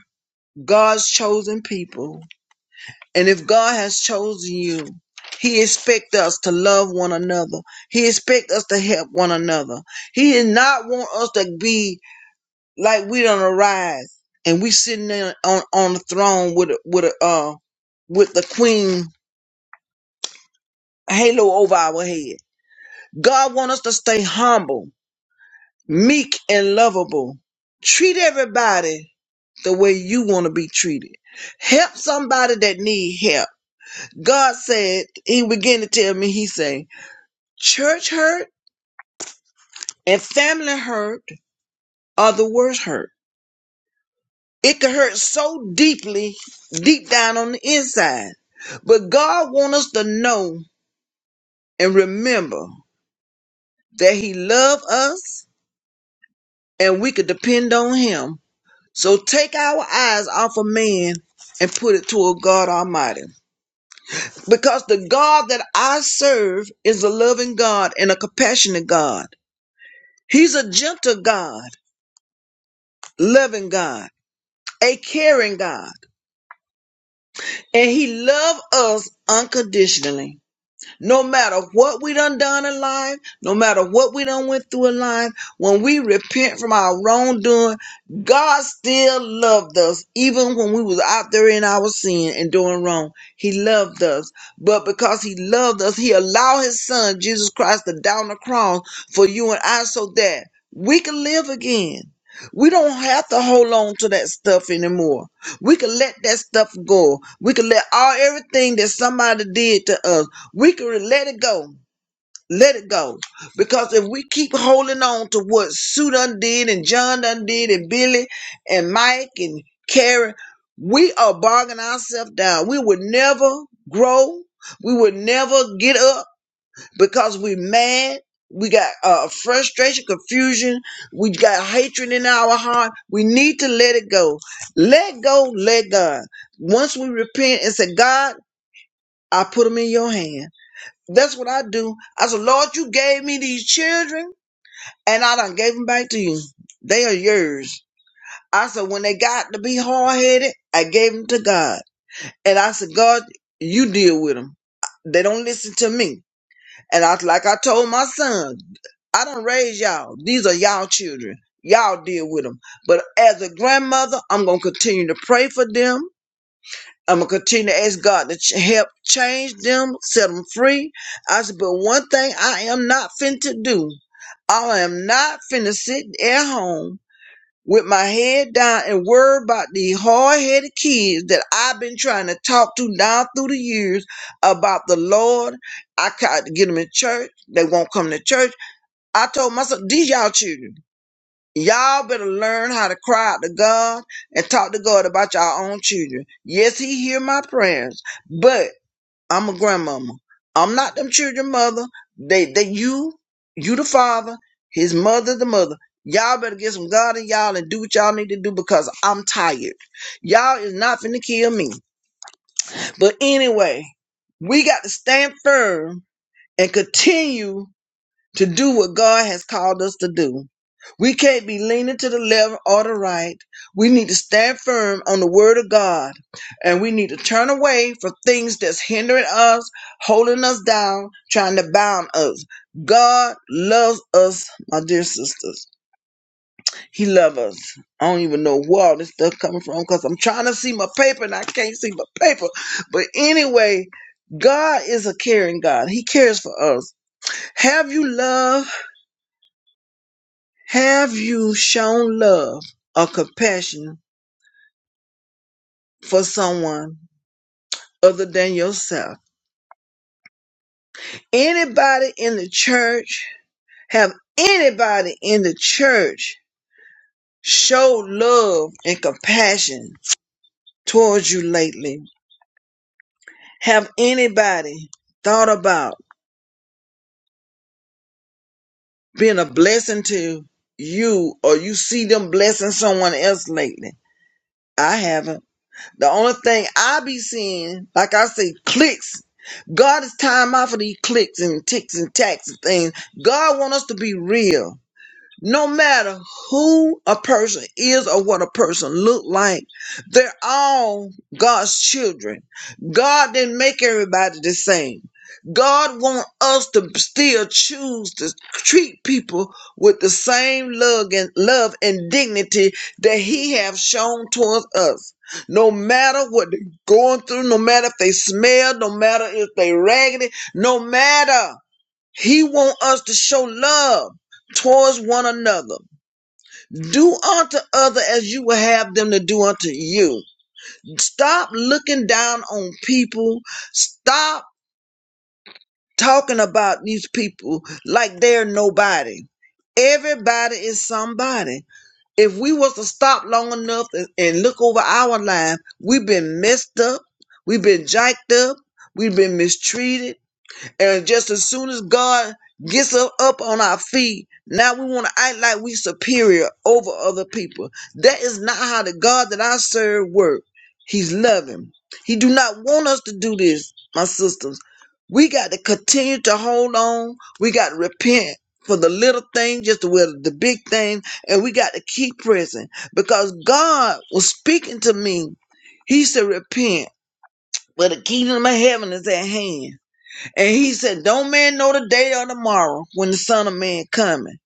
[SPEAKER 5] God's chosen people, and if God has chosen you, he expects us to love one another. He expects us to help one another. He does not want us to be like we don't arise and we sitting there on, on the throne with a, with a, uh with the queen halo over our head. God want us to stay humble. meek and lovable. Treat everybody the way you want to be treated. Help somebody that need help. God said, he began to tell me, he said, church hurt and family hurt are the worst hurt. It could hurt so deeply, deep down on the inside. But God wants us to know and remember that he loved us and we could depend on him So take our eyes off of man and put it toward God Almighty. Because the God that I serve is a loving God and a compassionate God. He's a gentle God, loving God, a caring God. And he loves us unconditionally. No matter what we done done in life, no matter what we done went through in life, when we repent from our wrongdoing, God still loved us, even when we was out there in our sin and doing wrong. He loved us. But because he loved us, he allowed his son, Jesus Christ, to die on the cross for you and I so that we can live again. We don't have to hold on to that stuff anymore. We can let that stuff go. We can let all everything that somebody did to us, we can let it go. Let it go. Because if we keep holding on to what Sue done did and John done did and Billy and Mike and Karen, we are bogging ourselves down. We would never grow. We would never get up because we're mad. We got uh, frustration, confusion. We got hatred in our heart. We need to let it go. Let go, let God. Once we repent and say, God, I put them in your hand. That's what I do. I said, Lord, you gave me these children and I done gave them back to you. They are yours. I said, when they got to be hard headed, I gave them to God. And I said, God, you deal with them. They don't listen to me. And I like I told my son, I don't raise y'all. These are y'all children. Y'all deal with them. But as a grandmother, I'm gonna continue to pray for them. I'm gonna continue to ask God to ch- help change them, set them free. I said, but one thing I am not fin to do. I am not finna sit at home with my head down and worry about the hard-headed kids that I've been trying to talk to down through the years about the Lord. I tried to get them in church. They won't come to church. I told myself, these y'all children, y'all better learn how to cry out to God and talk to God about y'all own children. Yes, he hear my prayers, but I'm a grandmama. I'm not them children mother. They they you you the father, his mother the mother. Y'all better get some God in y'all and do what y'all need to do because I'm tired. Y'all is not finna kill me. But anyway, we got to stand firm and continue to do what God has called us to do. We can't be leaning to the left or the right. We need to stand firm on the word of God. And we need to turn away from things that's hindering us, holding us down, trying to bound us. God loves us, my dear sisters. He loves us. I don't even know where all this stuff coming from because I'm trying to see my paper and I can't see my paper. But anyway, God is a caring God. He cares for us. Have you love? Have you shown love or compassion for someone other than yourself? Anybody in the church, have anybody in the church showed love and compassion towards you lately? Have anybody thought about being a blessing to you or you see them blessing someone else lately? I haven't. The only thing I be seeing, like I say, clicks. God is time out for these clicks and ticks and tacks and things. God want us to be real no matter who a person is or what a person look like they're all god's children god didn't make everybody the same god want us to still choose to treat people with the same love and love and dignity that he have shown towards us no matter what they're going through no matter if they smell no matter if they raggedy no matter he want us to show love towards one another. Do unto other as you would have them to do unto you. Stop looking down on people. Stop talking about these people like they're nobody. Everybody is somebody. If we was to stop long enough and, and look over our life, we've been messed up, we've been jacked up, we've been mistreated, And just as soon as God gets us up on our feet, now we want to act like we superior over other people. That is not how the God that I serve work. He's loving. He do not want us to do this, my sisters. We got to continue to hold on. We got to repent for the little thing, just as well as the big thing, and we got to keep pressing because God was speaking to me. He said, "Repent, for the kingdom of heaven is at hand." And he said, Don't man know the day or tomorrow when the Son of Man coming.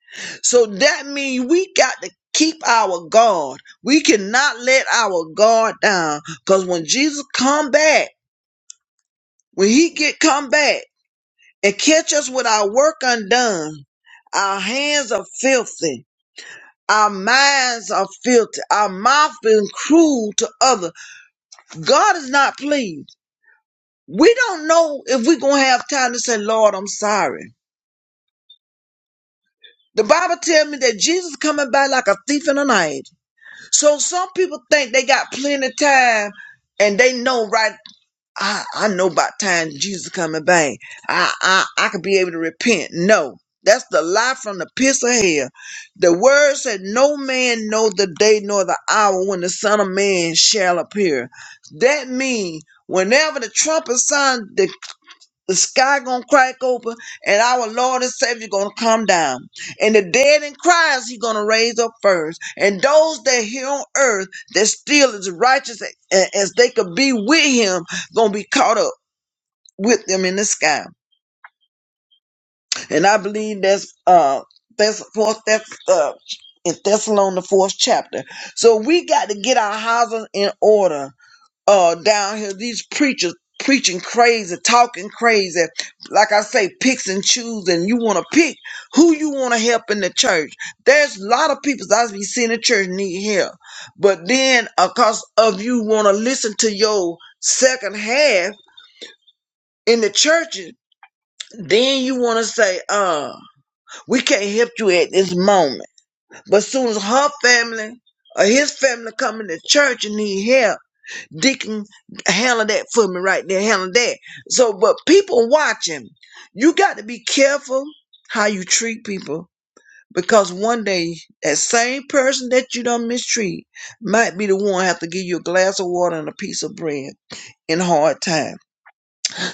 [SPEAKER 5] So that means we got to keep our guard. We cannot let our guard down. Cause when Jesus come back, when he get come back and catch us with our work undone, our hands are filthy. Our minds are filthy. Our mouth been cruel to other. God is not pleased. We don't know if we're gonna have time to say, Lord, I'm sorry. The Bible tells me that Jesus coming by like a thief in the night. So some people think they got plenty of time and they know right I, I know about time Jesus coming back. I, I I could be able to repent. No. That's the lie from the pits of hell. The word said, No man know the day nor the hour when the Son of Man shall appear. That means whenever the trumpet sound, the the sky gonna crack open and our lord and savior gonna come down and the dead in christ he gonna raise up first and those that here on earth that still as righteous a- as they could be with him gonna be caught up with them in the sky and i believe that's uh that's fourth that's uh in Thessalonians, the fourth chapter. So we got to get our houses in order uh down here these preachers preaching crazy talking crazy like i say picks and choose and you want to pick who you want to help in the church there's a lot of people that i be seeing the church need help but then because of you want to listen to your second half in the churches then you want to say uh we can't help you at this moment but soon as her family or his family come into church and need help Deacon, handle that for me right there, handle that. So, but people watching, you got to be careful how you treat people because one day that same person that you done mistreat might be the one have to give you a glass of water and a piece of bread in hard time.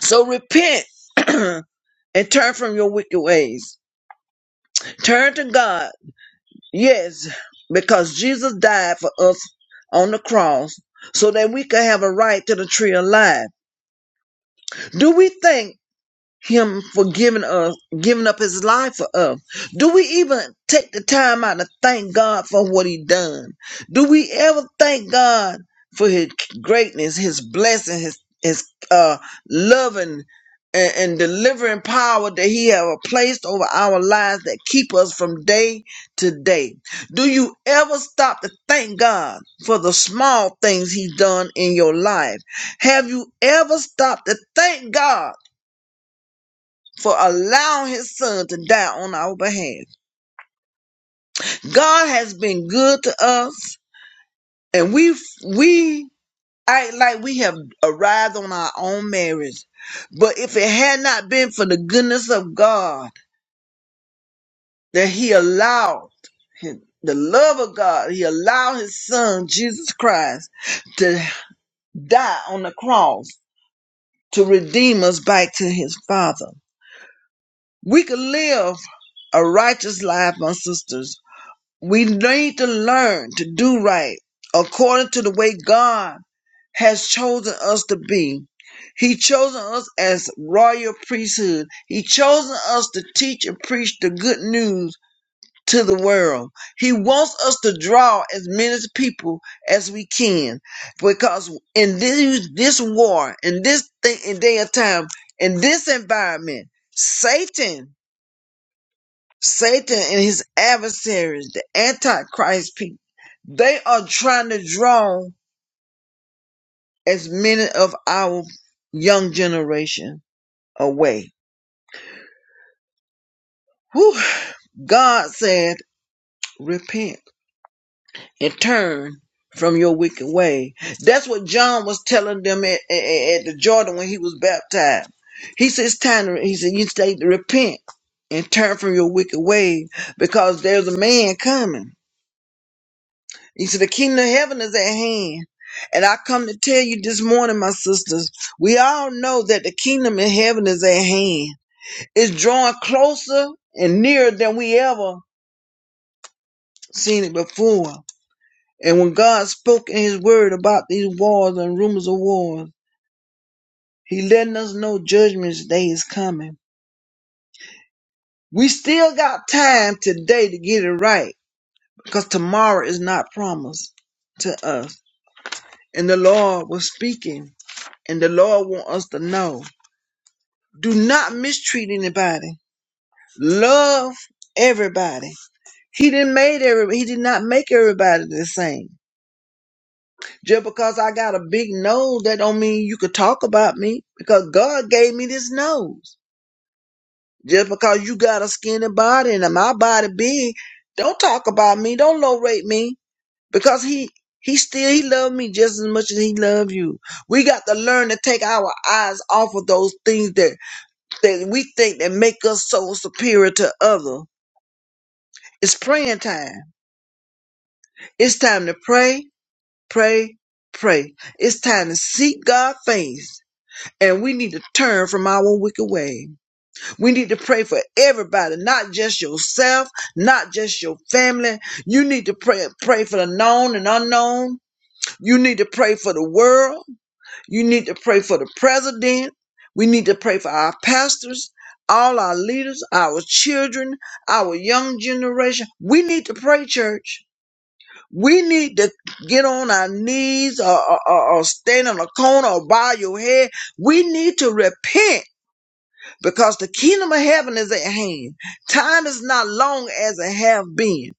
[SPEAKER 5] So repent and turn from your wicked ways. Turn to God. Yes, because Jesus died for us on the cross so that we could have a right to the tree of life. Do we think? him for giving us giving up his life for us do we even take the time out to thank god for what he done do we ever thank god for his greatness his blessing his his uh loving and, and delivering power that he have placed over our lives that keep us from day to day do you ever stop to thank god for the small things he done in your life have you ever stopped to thank god for allowing his son to die on our behalf. God has been good to us, and we we act like we have arrived on our own marriage. But if it had not been for the goodness of God that He allowed his, the love of God, He allowed His Son Jesus Christ to die on the cross to redeem us back to His Father. We could live a righteous life, my sisters We need to learn to do right according to the way God has chosen us to be. He chosen us as royal priesthood. He chosen us to teach and preach the good news to the world. He wants us to draw as many people as we can, because in this this war, in this thing, in day of time, in this environment, Satan. Satan and his adversaries, the Antichrist people, they are trying to draw as many of our young generation away. Whew. God said, repent and turn from your wicked way. That's what John was telling them at, at, at the Jordan when he was baptized. He said, it's time to, he said, you stay to repent and turn from your wicked way because there's a man coming. He said, The kingdom of heaven is at hand. And I come to tell you this morning, my sisters, we all know that the kingdom of heaven is at hand. It's drawing closer and nearer than we ever seen it before. And when God spoke in his word about these wars and rumors of wars, he letting us know judgment day is coming. We still got time today to get it right because tomorrow is not promised to us. And the Lord was speaking and the Lord want us to know. Do not mistreat anybody. Love everybody. He didn't made every. He did not make everybody the same. Just because I got a big nose, that don't mean you could talk about me. Because God gave me this nose. Just because you got a skinny body and my body big, don't talk about me. Don't low rate me. Because he he still he loved me just as much as he loved you. We got to learn to take our eyes off of those things that that we think that make us so superior to others It's praying time. It's time to pray, pray, pray. It's time to seek God's face. And we need to turn from our wicked way. We need to pray for everybody, not just yourself, not just your family. You need to pray, pray for the known and unknown. You need to pray for the world. You need to pray for the president. We need to pray for our pastors, all our leaders, our children, our young generation. We need to pray, church. We need to get on our knees or, or, or- or stand in a corner or bow your head. We need to repent because the kingdom of heaven is at hand. Time is not long as it have been.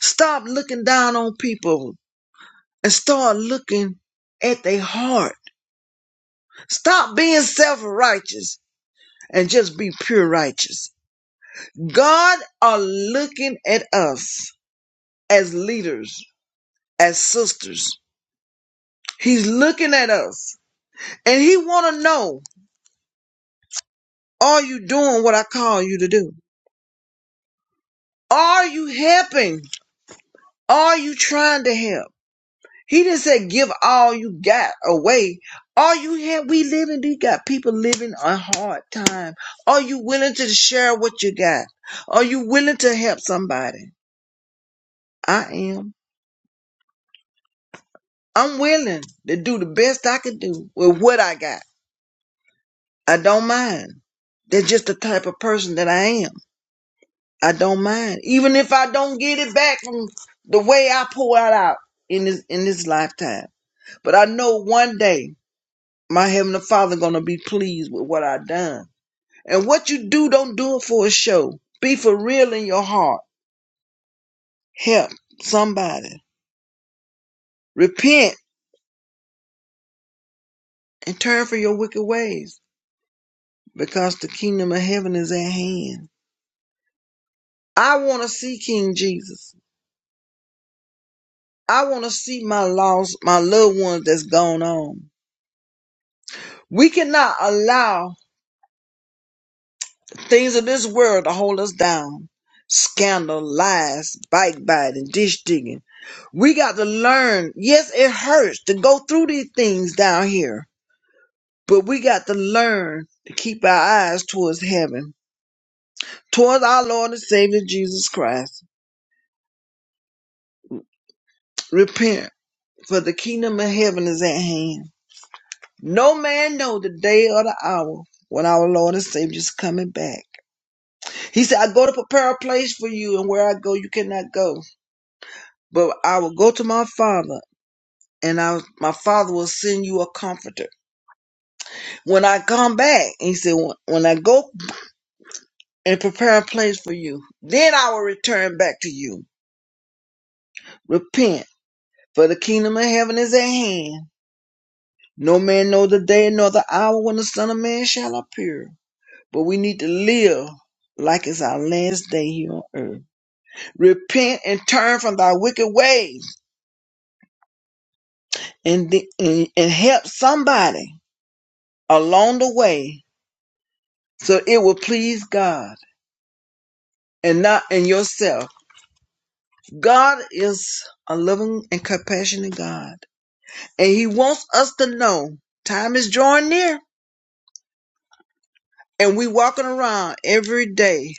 [SPEAKER 5] Stop looking down on people and start looking at their heart. Stop being self-righteous and just be pure righteous. God are looking at us as leaders, as sisters. He's looking at us and he want to know Are you doing what I call you to do? Are you helping? Are you trying to help? He didn't say give all you got away. Are you here? We living, we got people living a hard time. Are you willing to share what you got? Are you willing to help somebody? I am. I'm willing to do the best I can do with what I got. I don't mind. That's just the type of person that I am. I don't mind. Even if I don't get it back from the way I pour it out in this in this lifetime. But I know one day my heavenly father gonna be pleased with what I done. And what you do, don't do it for a show. Be for real in your heart. Help somebody. Repent and turn from your wicked ways. Because the kingdom of heaven is at hand. I wanna see King Jesus. I wanna see my lost, my loved ones that's gone on. We cannot allow Things of this world to hold us down. Scandal, lies, bike biting, dish digging. We got to learn. Yes, it hurts to go through these things down here, but we got to learn to keep our eyes towards heaven, towards our Lord and Savior Jesus Christ. Repent, for the kingdom of heaven is at hand. No man know the day or the hour when our Lord and Savior is coming back. He said, I go to prepare a place for you, and where I go, you cannot go. But I will go to my father, and I, my father will send you a comforter. When I come back, he said, when when I go and prepare a place for you, then I will return back to you. Repent, for the kingdom of heaven is at hand. No man knows the day nor the hour when the Son of Man shall appear. But we need to live like it's our last day here on earth. Repent and turn from thy wicked ways and, the, and, and help somebody along the way so it will please God and not in yourself. God is a loving and compassionate God, and He wants us to know time is drawing near, and we walking around every day,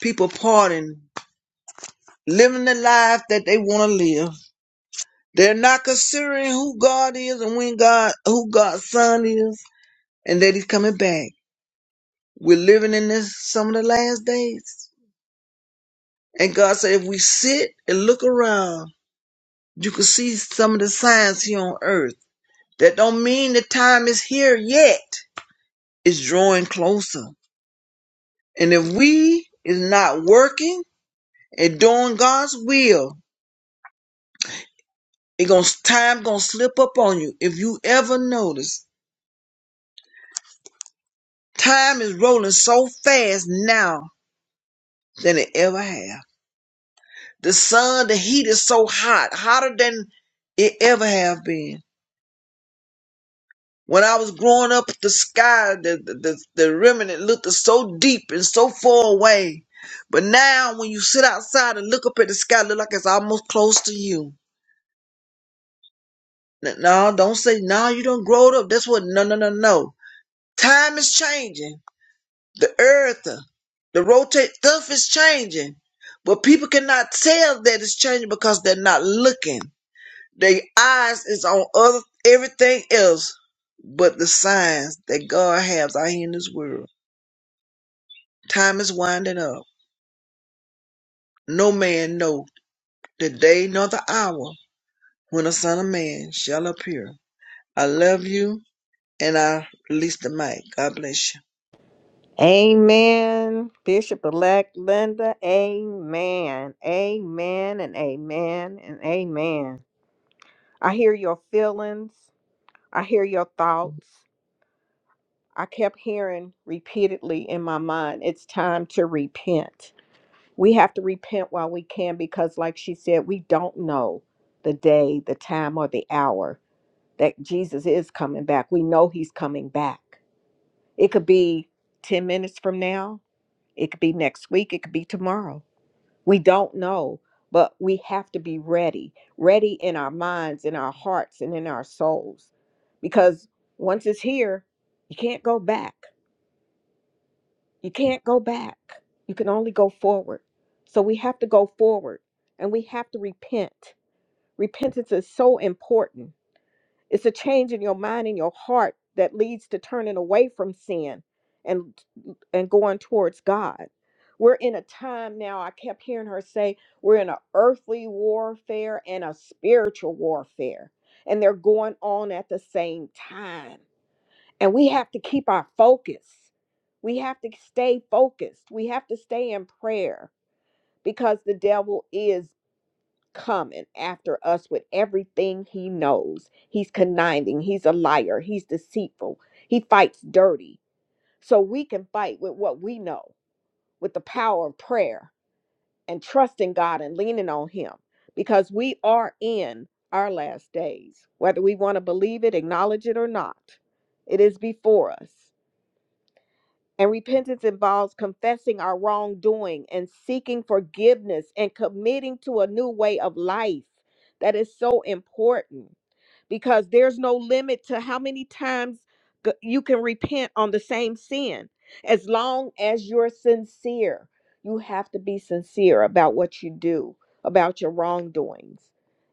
[SPEAKER 5] people partying, living the life that they want to live. They're not considering who God is and when God, who God's Son is, and that He's coming back. We're living in this some of the last days, and God said, if we sit and look around You can see some of the signs here on earth. That don't mean the time is here yet. It's drawing closer. And if we is not working and doing God's will, it going time gonna slip up on you. If you ever notice, time is rolling so fast now than it ever have. The sun, the heat is so hot, hotter than it ever have been When I was growing up, the sky, the, the, the, the remnant looked so deep and so far away. But now, when you sit outside and look up at the sky, it look like it's almost close to you. N- No, don't say, no, you don't grow up. That's what, no, no, no, no. Time is changing. The earth, uh, the rotate stuff is changing. But people cannot tell that it's changing because they're not looking. Their eyes is on other everything else but the signs that God has out here in this world. Time is winding up. No man know the day nor the hour when the Son of Man shall appear. I love you, and I release the mic. God bless you.
[SPEAKER 1] Amen, Bishop elect Linda. Amen. Amen and amen and amen. I hear your feelings. I hear your thoughts. I kept hearing repeatedly in my mind, it's time to repent. we have to repent while we can because like she said we don't know the day the time or the hour that jesus is coming back we know he's coming back it could be 10 minutes from now it could be next week it could be tomorrow we don't know but we have to be ready ready in our minds in our hearts and in our souls because once it's here you can't go back You can't go back. You can only go forward. So we have to go forward and we have to repent. Repentance is so important. It's a change in your mind and your heart that leads to turning away from sin and and going towards God. We're in a time now, I kept hearing her say, we're in an earthly warfare and a spiritual warfare. And they're going on at the same time and we have to keep our focus. We have to stay focused. We have to stay in prayer because the devil is coming after us with everything he knows. He's conniving, he's a liar, he's deceitful, he fights dirty. So we can fight with what we know, with the power of prayer and trusting God and leaning on him because we are in our last days. Whether we want to believe it, acknowledge it, or not, it is before us. And repentance involves confessing our wrongdoing and seeking forgiveness and committing to a new way of life. That is so important because there's no limit to how many times g- you can repent on the same sin as long as you're sincere. You have to be sincere about what you do, about your wrongdoings,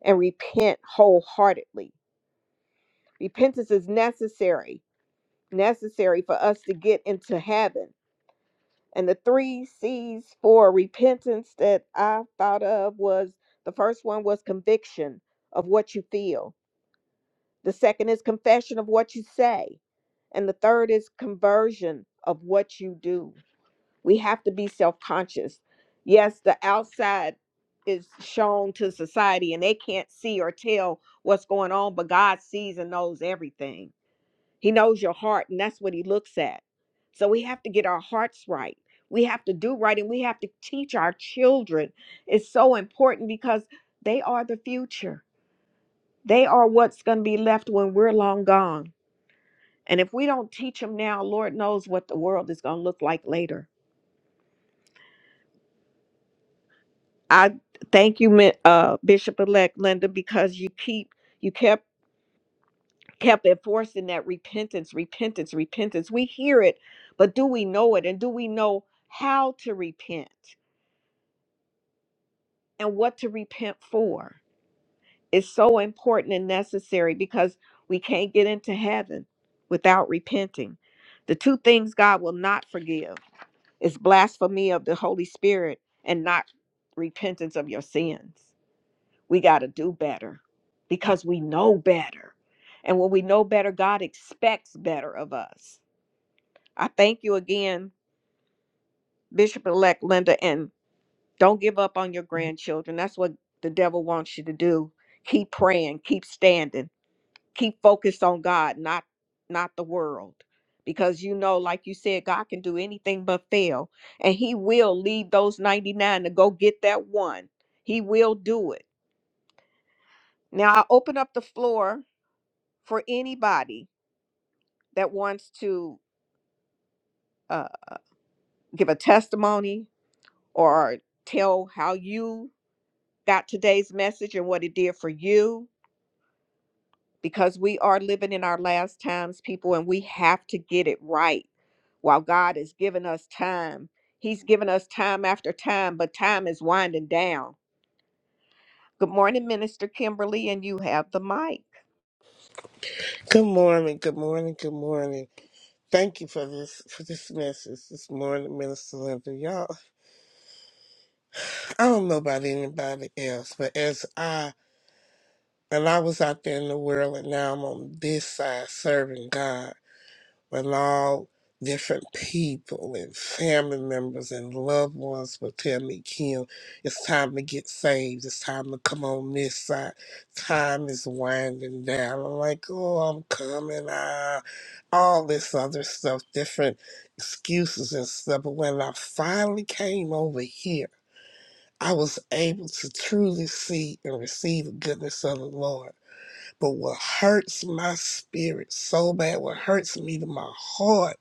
[SPEAKER 1] and repent wholeheartedly. Repentance is necessary, necessary for us to get into heaven and the three C's for repentance that I thought of was the first one was conviction of what you feel, the second is confession of what you say, and the third is conversion of what you do. We have to be self conscious. Yes, the outside is shown to society and they can't see or tell what's going on, but God sees and knows everything he knows your heart, and that's what he looks at. So we have to get our hearts right. We have to do right, and we have to teach our children. It's so important because they are the future. They are what's going to be left when we're long gone. And if we don't teach them now, Lord knows what the world is going to look like later. I thank you, Mi- uh, Bishop-elect Linda, because you keep you kept. kept enforcing that repentance, repentance, repentance. We hear it, but do we know it? And do we know how to repent and what to repent for? It's so important and necessary because we can't get into heaven without repenting. The two things God will not forgive is blasphemy of the Holy Spirit and not repentance of your sins. We got to do better because we know better. And when we know better, God expects better of us. I thank you again, Bishop elect Linda, and don't give up on your grandchildren. That's what the devil wants you to do. Keep praying, keep standing, keep focused on God, not not the world. Because you know, like you said, God can do anything but fail. And he will leave those 99 to go get that one. He will do it. Now I open up the floor for anybody that wants to uh, give a testimony or tell how you got today's message and what it did for you because we are living in our last times, people, and we have to get it right while God has given us time. He's given us time after time, but time is winding down. Good morning, Minister Kimberly, and you have the mic.
[SPEAKER 6] Good morning, good morning, good morning. Thank you for this for this message this morning, Minister Linda. Y'all, I don't know about anybody else, but as I and I was out there in the world and now I'm on this side serving God. with all different people and family members and loved ones will tell me, Kim, it's time to get saved. It's time to come on this side. Time is winding down. I'm like, oh, I'm coming. Ah, all this other stuff, different excuses and stuff. But when I finally came over here, I was able to truly see and receive the goodness of the Lord. But what hurts my spirit so bad, what hurts me to my heart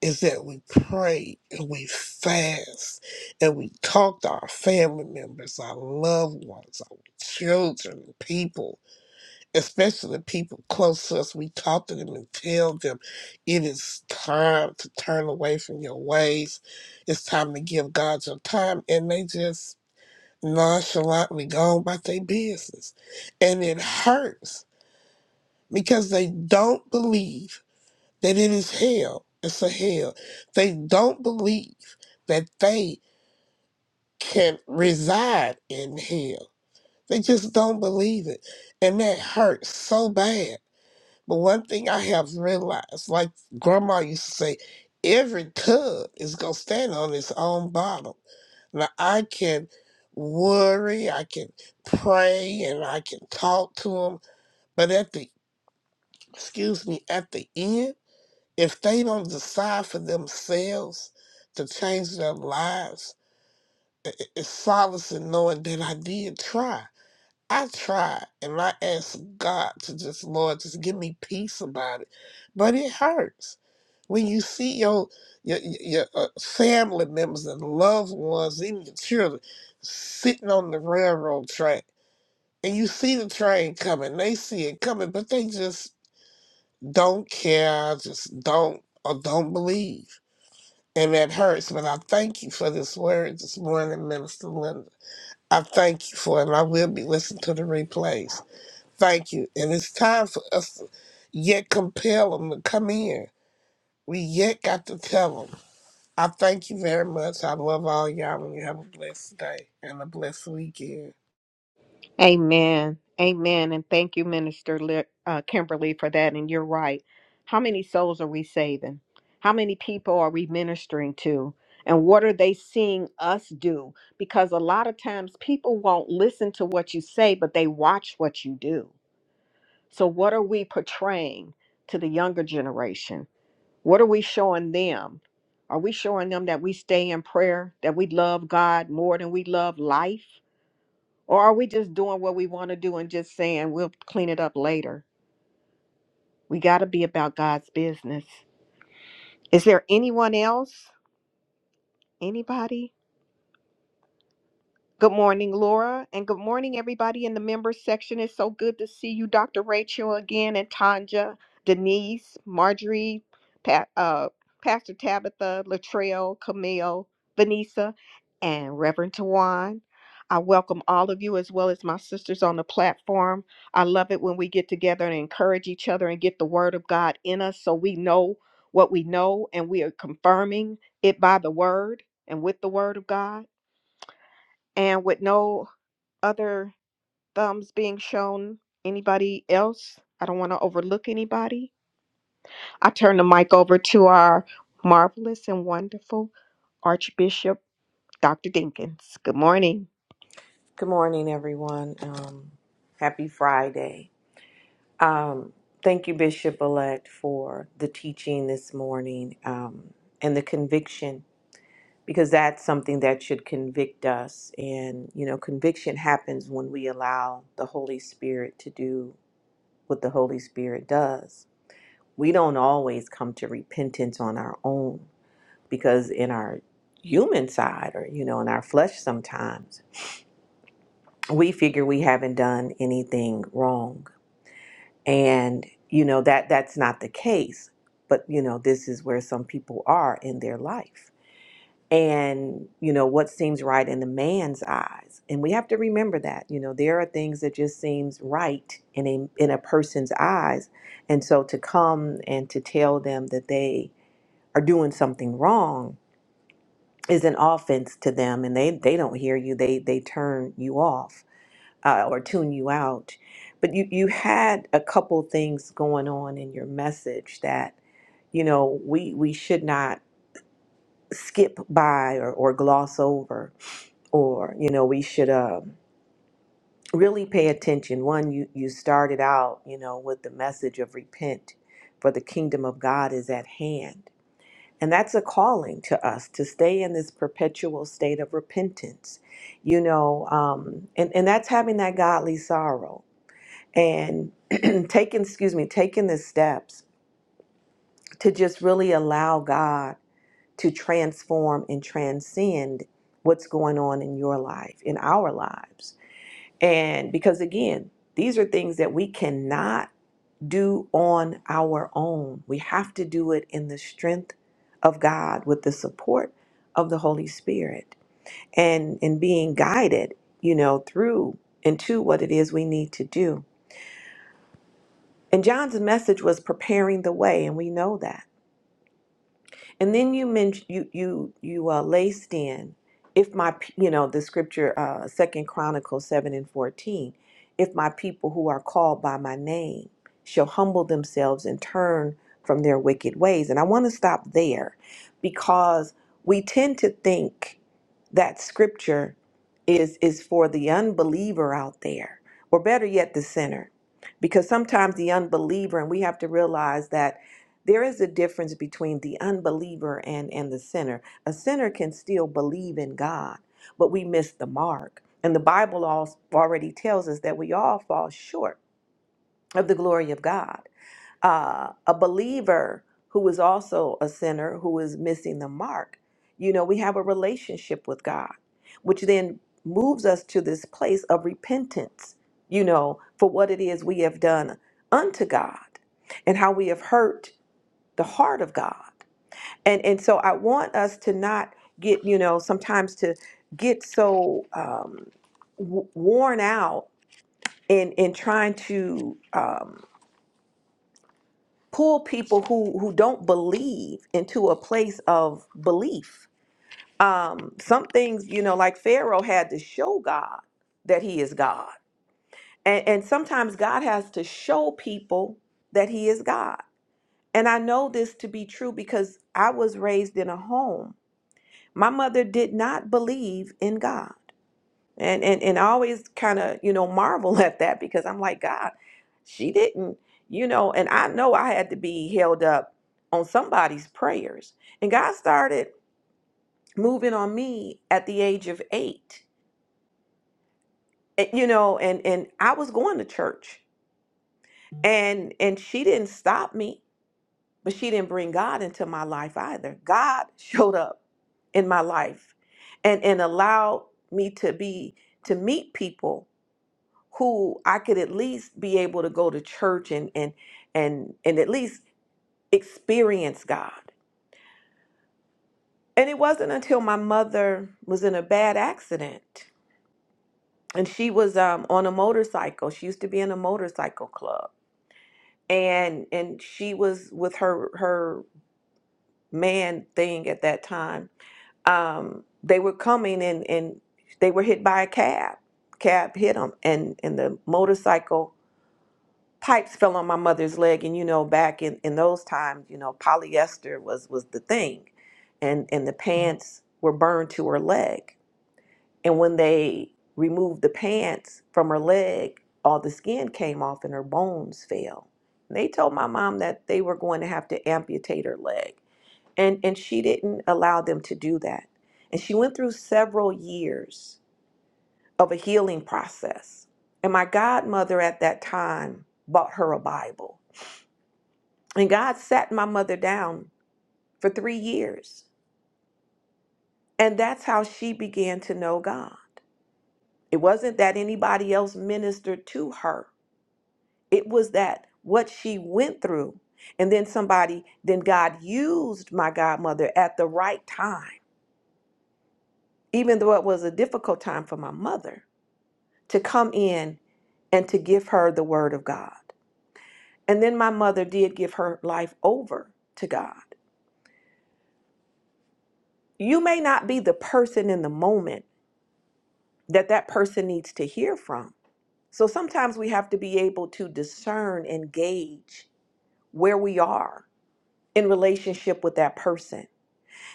[SPEAKER 6] is that we pray and we fast and we talk to our family members, our loved ones, our children, people, especially the people close to us. We talk to them and tell them it is time to turn away from your ways. It's time to give God your time. And they just nonchalantly go on about their business. And it hurts because they don't believe that it is hell. It's a hell. They don't believe that they can reside in hell. They just don't believe it. And that hurts so bad. But one thing I have realized, like grandma used to say, every tub is gonna stand on its own bottom. Now I can worry, I can pray, and I can talk to them, but at the excuse me, at the end if they don't decide for themselves to change their lives, i- i- it's solace in knowing that I did try. I tried and I asked God to just, Lord, just give me peace about it. But it hurts when you see your your, your your, uh, family members and loved ones, even your children, sitting on the railroad track, and you see the train coming. They see it coming, but they just don't care, just don't or don't believe and that hurts. But I thank you for this word this morning, Minister Linda. I thank you for it, and I will be listening to the replays. Thank you. And it's time for us to yet compel them to come in. We yet got to tell them. I thank you very much. I love all y'all, and you have a blessed day and a blessed weekend.
[SPEAKER 1] Amen. Amen. And thank you, Minister Le- uh, Kimberly, for that. And you're right. How many souls are we saving? How many people are we ministering to? And what are they seeing us do? Because a lot of times people won't listen to what you say, but they watch what you do. So, what are we portraying to the younger generation? What are we showing them? Are we showing them that we stay in prayer, that we love God more than we love life? Or are we just doing what we want to do and just saying we'll clean it up later? We got to be about God's business. Is there anyone else? Anybody? Good morning, Laura, and good morning, everybody in the members section. It's so good to see you, Dr. Rachel, again, and Tanja, Denise, Marjorie, Pat, uh, Pastor Tabitha, Latrell, Camille, Vanessa, and Reverend Tawan. I welcome all of you as well as my sisters on the platform. I love it when we get together and encourage each other and get the word of God in us so we know what we know and we are confirming it by the word and with the word of God and with no other thumbs being shown? Anybody else? I don't want to overlook anybody. I turn the mic over to our marvelous and wonderful Archbishop Dr. Dinkins. Good morning.
[SPEAKER 2] Good morning, everyone. Um, happy Friday. Um, thank you, Bishop Elect, for the teaching this morning um, and the conviction, because that's something that should convict us. And, you know, conviction happens when we allow the Holy Spirit to do what the Holy Spirit does. We don't always come to repentance on our own, because in our human side or, you know, in our flesh sometimes, we figure we haven't done anything wrong and you know that that's not the case but you know this is where some people are in their life and you know what seems right in the man's eyes and we have to remember that you know there are things that just seems right in a in a person's eyes and so to come and to tell them that they are doing something wrong is an offense to them and they they don't hear you they they turn you off uh, or tune you out. But you, you had a couple things going on in your message that, you know, we, we should not skip by or, or gloss over, or, you know, we should uh, really pay attention. One, you, you started out, you know, with the message of repent, for the kingdom of God is at hand. And that's a calling to us to stay in this perpetual state of repentance, you know, um, and, and that's having that godly sorrow and taking excuse me taking the steps to just really allow god to transform and transcend what's going on in your life in our lives and because again these are things that we cannot do on our own we have to do it in the strength of god with the support of the holy spirit and in being guided you know through into what it is we need to do And John's message was preparing the way, and we know that. And then you mentioned you you you uh, laced in, if my p- you know the scripture, uh, Second Chronicles seven and fourteen, if my people who are called by my name shall humble themselves and turn from their wicked ways. And I want to stop there, because we tend to think that scripture is is for the unbeliever out there or better yet the sinner because sometimes the unbeliever and we have to realize that there is a difference between the unbeliever and and the sinner a sinner can still believe in god but we miss the mark and the bible al- already tells us that we all fall short of the glory of god uh, a believer who is also a sinner who is missing the mark. You know, we have a relationship with God, which then moves us to this place of repentance, you know, for what it is we have done unto God and how we have hurt the heart of God. And, and so I want us to not get, you know, sometimes to get so um, w- worn out in, in trying to. um, pull people who who don't believe into a place of belief um some things you know like pharaoh had to show god that he is god and and sometimes god has to show people that he is god and i know this to be true because i was raised in a home my mother did not believe in god and and and I always kind of you know marvel at that because I'm like God, she didn't you know, and I know I had to be held up on somebody's prayers, and God started moving on me at the age of eight, and, you know, and and I was going to church, and and she didn't stop me, but she didn't bring God into my life either. God showed up in my life, and and allowed me to be to meet people who I could at least be able to go to church and and and and at least experience God. And it wasn't until my mother was in a bad accident and she was um, on a motorcycle. She used to be in a motorcycle club and and she was with her her man thing at that time. Um, they were coming and and they were hit by a cab. Cab hit them and and the motorcycle pipes fell on my mother's leg and you know back in, in those times you know polyester was was the thing and and the pants were burned to her leg and when they removed the pants from her leg all the skin came off and her bones fell And they told my mom that they were going to have to amputate her leg and and she didn't allow them to do that and she went through several years of a healing process and my godmother at that time bought her a bible and God sat my mother down for three years. And that's how she began to know God. It wasn't that anybody else ministered to her, it was that what she went through. And then somebody, then God used my godmother at the right time, even though it was a difficult time for my mother, to come in and to give her the word of God. And then my mother did give her life over to God. You may not be the person in the moment that that person needs to hear from. So sometimes we have to be able to discern and gauge where we are in relationship with that person.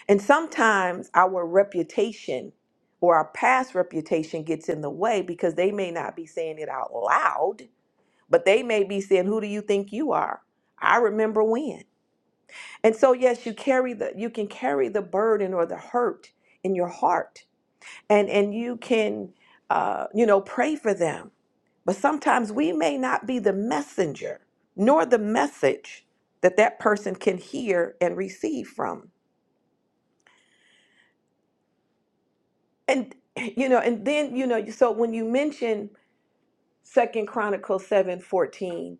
[SPEAKER 2] And sometimes our reputation or our past reputation gets in the way because they may not be saying it out loud, but they may be saying, "Who do you think you are?" I remember when. And so yes, you carry the you can carry the burden or the hurt in your heart. And and you can uh, you know, pray for them But sometimes we may not be the messenger nor the message that that person can hear and receive from. And you know, and then you know, so when you mention Second Chronicles seven fourteen,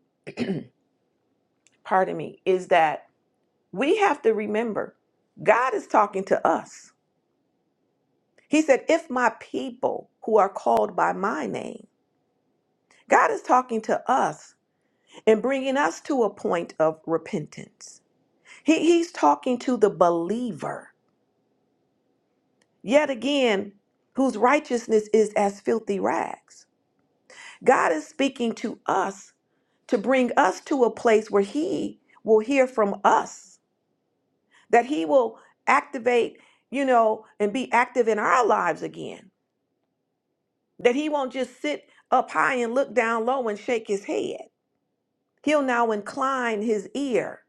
[SPEAKER 2] pardon me, is that we have to remember God is talking to us. He said, "If my people who are called by my name," God is talking to us and bringing us to a point of repentance. He, he's talking to the believer. yet again, whose righteousness is as filthy rags. God is speaking to us to bring us to a place where He will hear from us, that He will activate, you know, and be active in our lives again, that He won't just sit up high and look down low and shake His head. He'll now incline His ear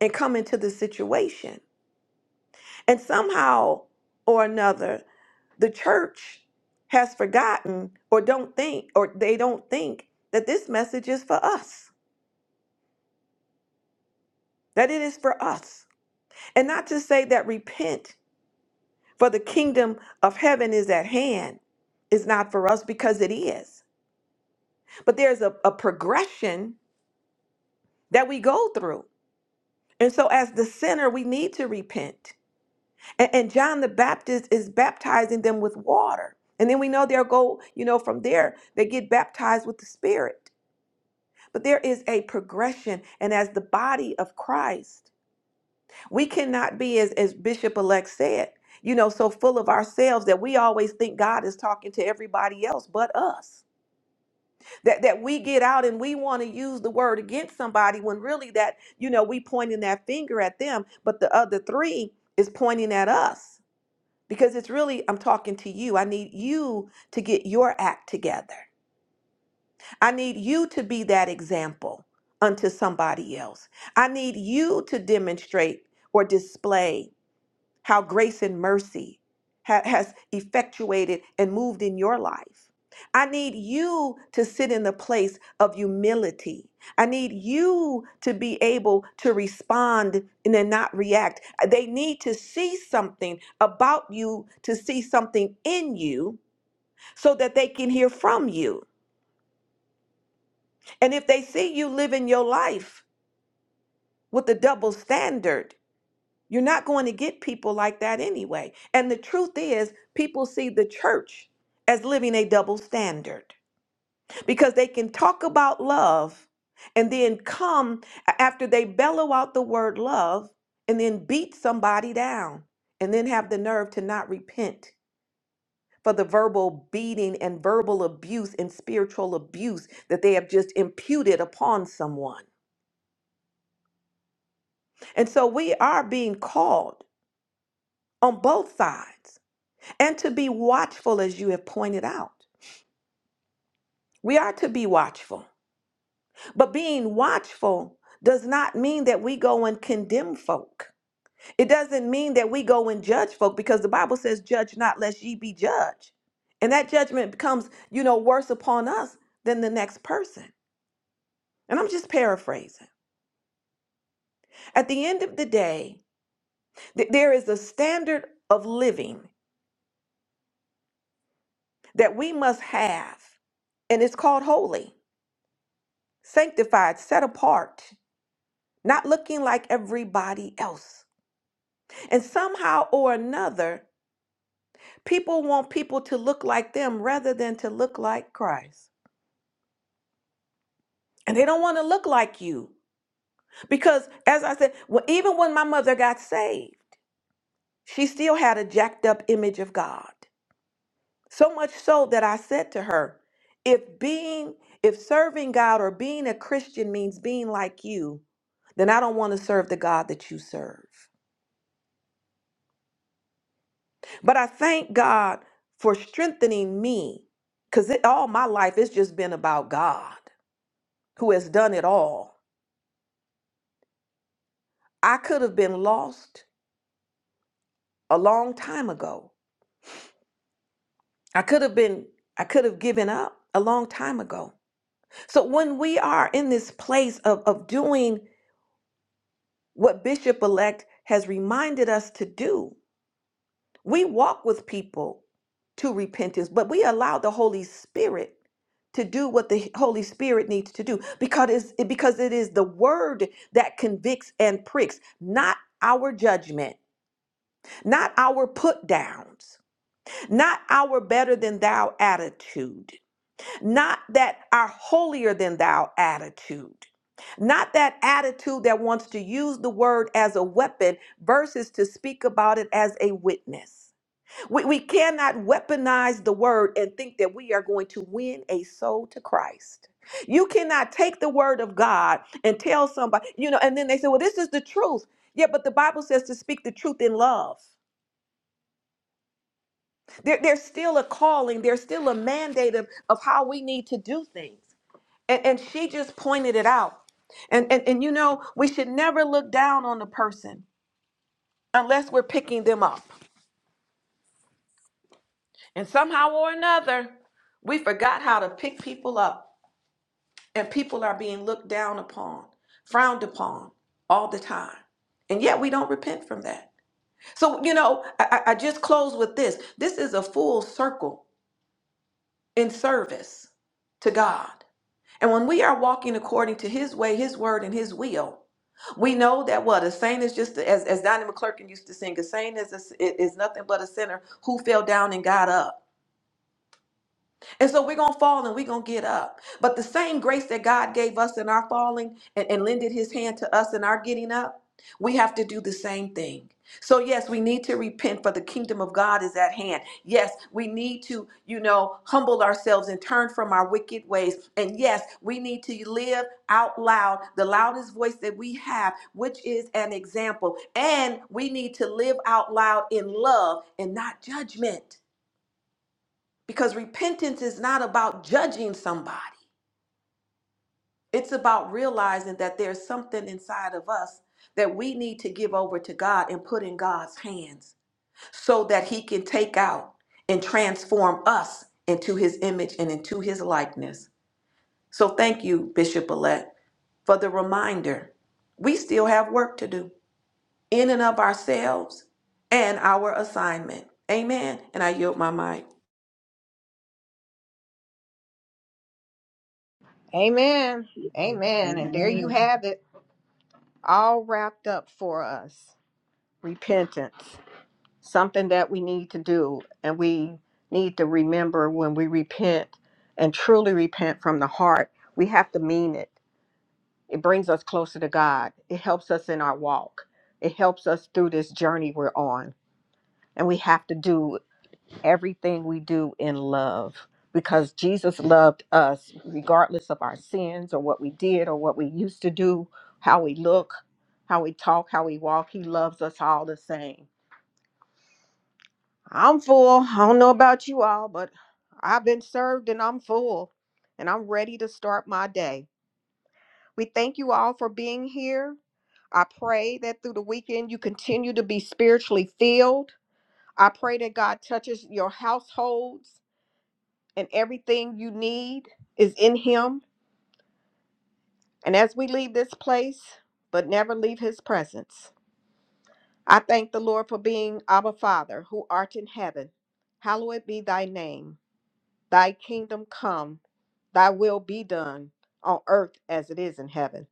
[SPEAKER 2] and come into the situation. And somehow or another, the church has forgotten or don't think or they don't think that this message is for us, that it is for us. And not to say that repent for the kingdom of heaven is at hand is not for us because it is. But there's a, a progression that we go through. And so as the sinner, we need to repent. And, and John the Baptist is baptizing them with water. And then we know they'll go, you know, from there, they get baptized with the Spirit. But there is a progression. And as the body of Christ, we cannot be, as, as Bishop elect said, you know, so full of ourselves that we always think God is talking to everybody else but us. That that we get out and we want to use the word against somebody when really that, you know, we pointing that finger at them, but the other three is pointing at us because it's really I'm talking to you. I need you to get your act together. I need you to be that example unto somebody else. I need you to demonstrate or display how grace and mercy ha- has effectuated and moved in your life. I need you to sit in the place of humility. I need you to be able to respond and then not react. They need to see something about you, to see something in you, so that they can hear from you. And if they see you living your life with a double standard, You're not going to get people like that anyway. And the truth is, people see the church as living a double standard because they can talk about love and then come a- after they bellow out the word love and then beat somebody down and then have the nerve to not repent for the verbal beating and verbal abuse and spiritual abuse that they have just imputed upon someone. And so we are being called on both sides and to be watchful, as you have pointed out. We are to be watchful, but being watchful does not mean that we go and condemn folk. It doesn't mean that we go and judge folk because the Bible says, Judge not, lest ye be judged. And that judgment becomes, you know, worse upon us than the next person. And I'm just paraphrasing. At the end of the day, th- there is a standard of living that we must have, and it's called holy, sanctified, set apart. not looking like everybody else. And somehow or another, people want people to look like them rather than to look like Christ. And they don't want to look like you. Because, as I said, well, even when my mother got saved, she still had a jacked up image of God. So much so that I said to her, if being, if serving God or being a Christian means being like you, then I don't want to serve the God that you serve. But I thank God for strengthening me because all my life it's just been about God who has done it all. I could have been lost a long time ago. I could have been, I could have given up a long time ago. So when we are in this place of, of doing what Bishop elect has reminded us to do, We walk with people to repentance, but we allow the Holy Spirit to do what the Holy Spirit needs to do because it's, it- because it is the word that convicts and pricks, not our judgment, not our put downs, not our better than thou attitude, not that our holier than thou attitude. Not that attitude that wants to use the word as a weapon versus to speak about it as a witness. We, we cannot weaponize the word and think that we are going to win a soul to Christ. You cannot take the word of God and tell somebody, you know, and then they say, well, this is the truth. Yeah, but the Bible says to speak the truth in love. There, there's still a calling, there's still a mandate of, of how we need to do things. And, and she just pointed it out. And, and, and, you know, we should never look down on a person unless we're picking them up. And somehow or another, we forgot how to pick people up and people are being looked down upon, frowned upon all the time. And yet we don't repent from that. So, you know, I, I I just close with this this is a full circle in service to God. And when we are walking according to His way, His word, and His will, we know that what a saint is just as as Donnie McClurkin used to sing, a saint is a, is nothing but a sinner who fell down and got up. And so we're going to fall and we're going to get up. But the same grace that God gave us in our falling and, and lended his hand to us in our getting up, we have to do the same thing. So, yes, we need to repent for the kingdom of God is at hand. Yes, we need to, you know, humble ourselves and turn from our wicked ways. And yes, we need to live out loud the loudest voice that we have, which is an example. And we need to live out loud in love and not judgment. Because repentance is not about judging somebody, it's about realizing that there's something inside of us that we need to give over to God and put in God's hands so that He can take out and transform us into His image and into His likeness. So thank you, Bishop Elect, for the reminder. We still have work to do in and of ourselves and our assignment. Amen. And I yield my mic.
[SPEAKER 1] Amen. Amen. And there you
[SPEAKER 5] Amen.
[SPEAKER 1] have it, all wrapped up for us. Repentance, something that we need to do, and we need to remember when we repent and truly repent from the heart, we have to mean it. It brings us closer to God. It helps us in our walk. It helps us through this journey we're on. And we have to do everything we do in love because Jesus loved us regardless of our sins or what we did or what we used to do, how we look, how we talk, how we walk. He loves us all the same. I'm full. I don't know about you all, but I've been served and I'm full and I'm ready to start my day. We thank you all for being here. I pray that through the weekend you continue to be spiritually filled. I pray that God touches your households and everything you need is in Him. And as we leave this place, but never leave His presence, I thank the Lord for being our Father who art in heaven. Hallowed be thy name. Thy kingdom come, thy will be done on earth as it is in heaven.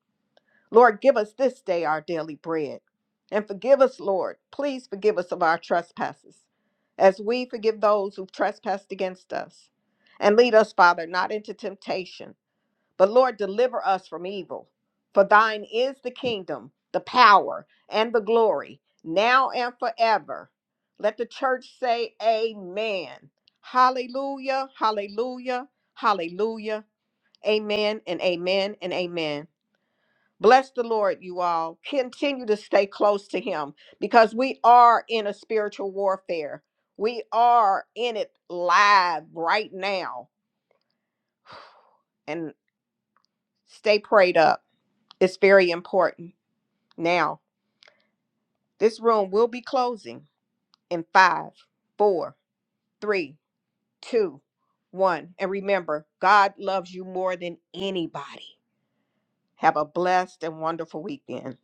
[SPEAKER 1] Lord, give us this day our daily bread. And forgive us, Lord. Please forgive us of our trespasses, as we forgive those who've trespassed against us. And lead us, Father, not into temptation, but Lord, deliver us from evil. For thine is the kingdom, the power, and the glory, now and forever. Let the church say, Amen. Hallelujah, hallelujah, hallelujah. Amen and amen and amen. Bless the Lord, you all. Continue to stay close to Him because we are in a spiritual warfare. We are in it live right now. And stay prayed up. It's very important. Now, this room will be closing in five, four, three, two, one. And remember, God loves you more than anybody. Have a blessed and wonderful weekend.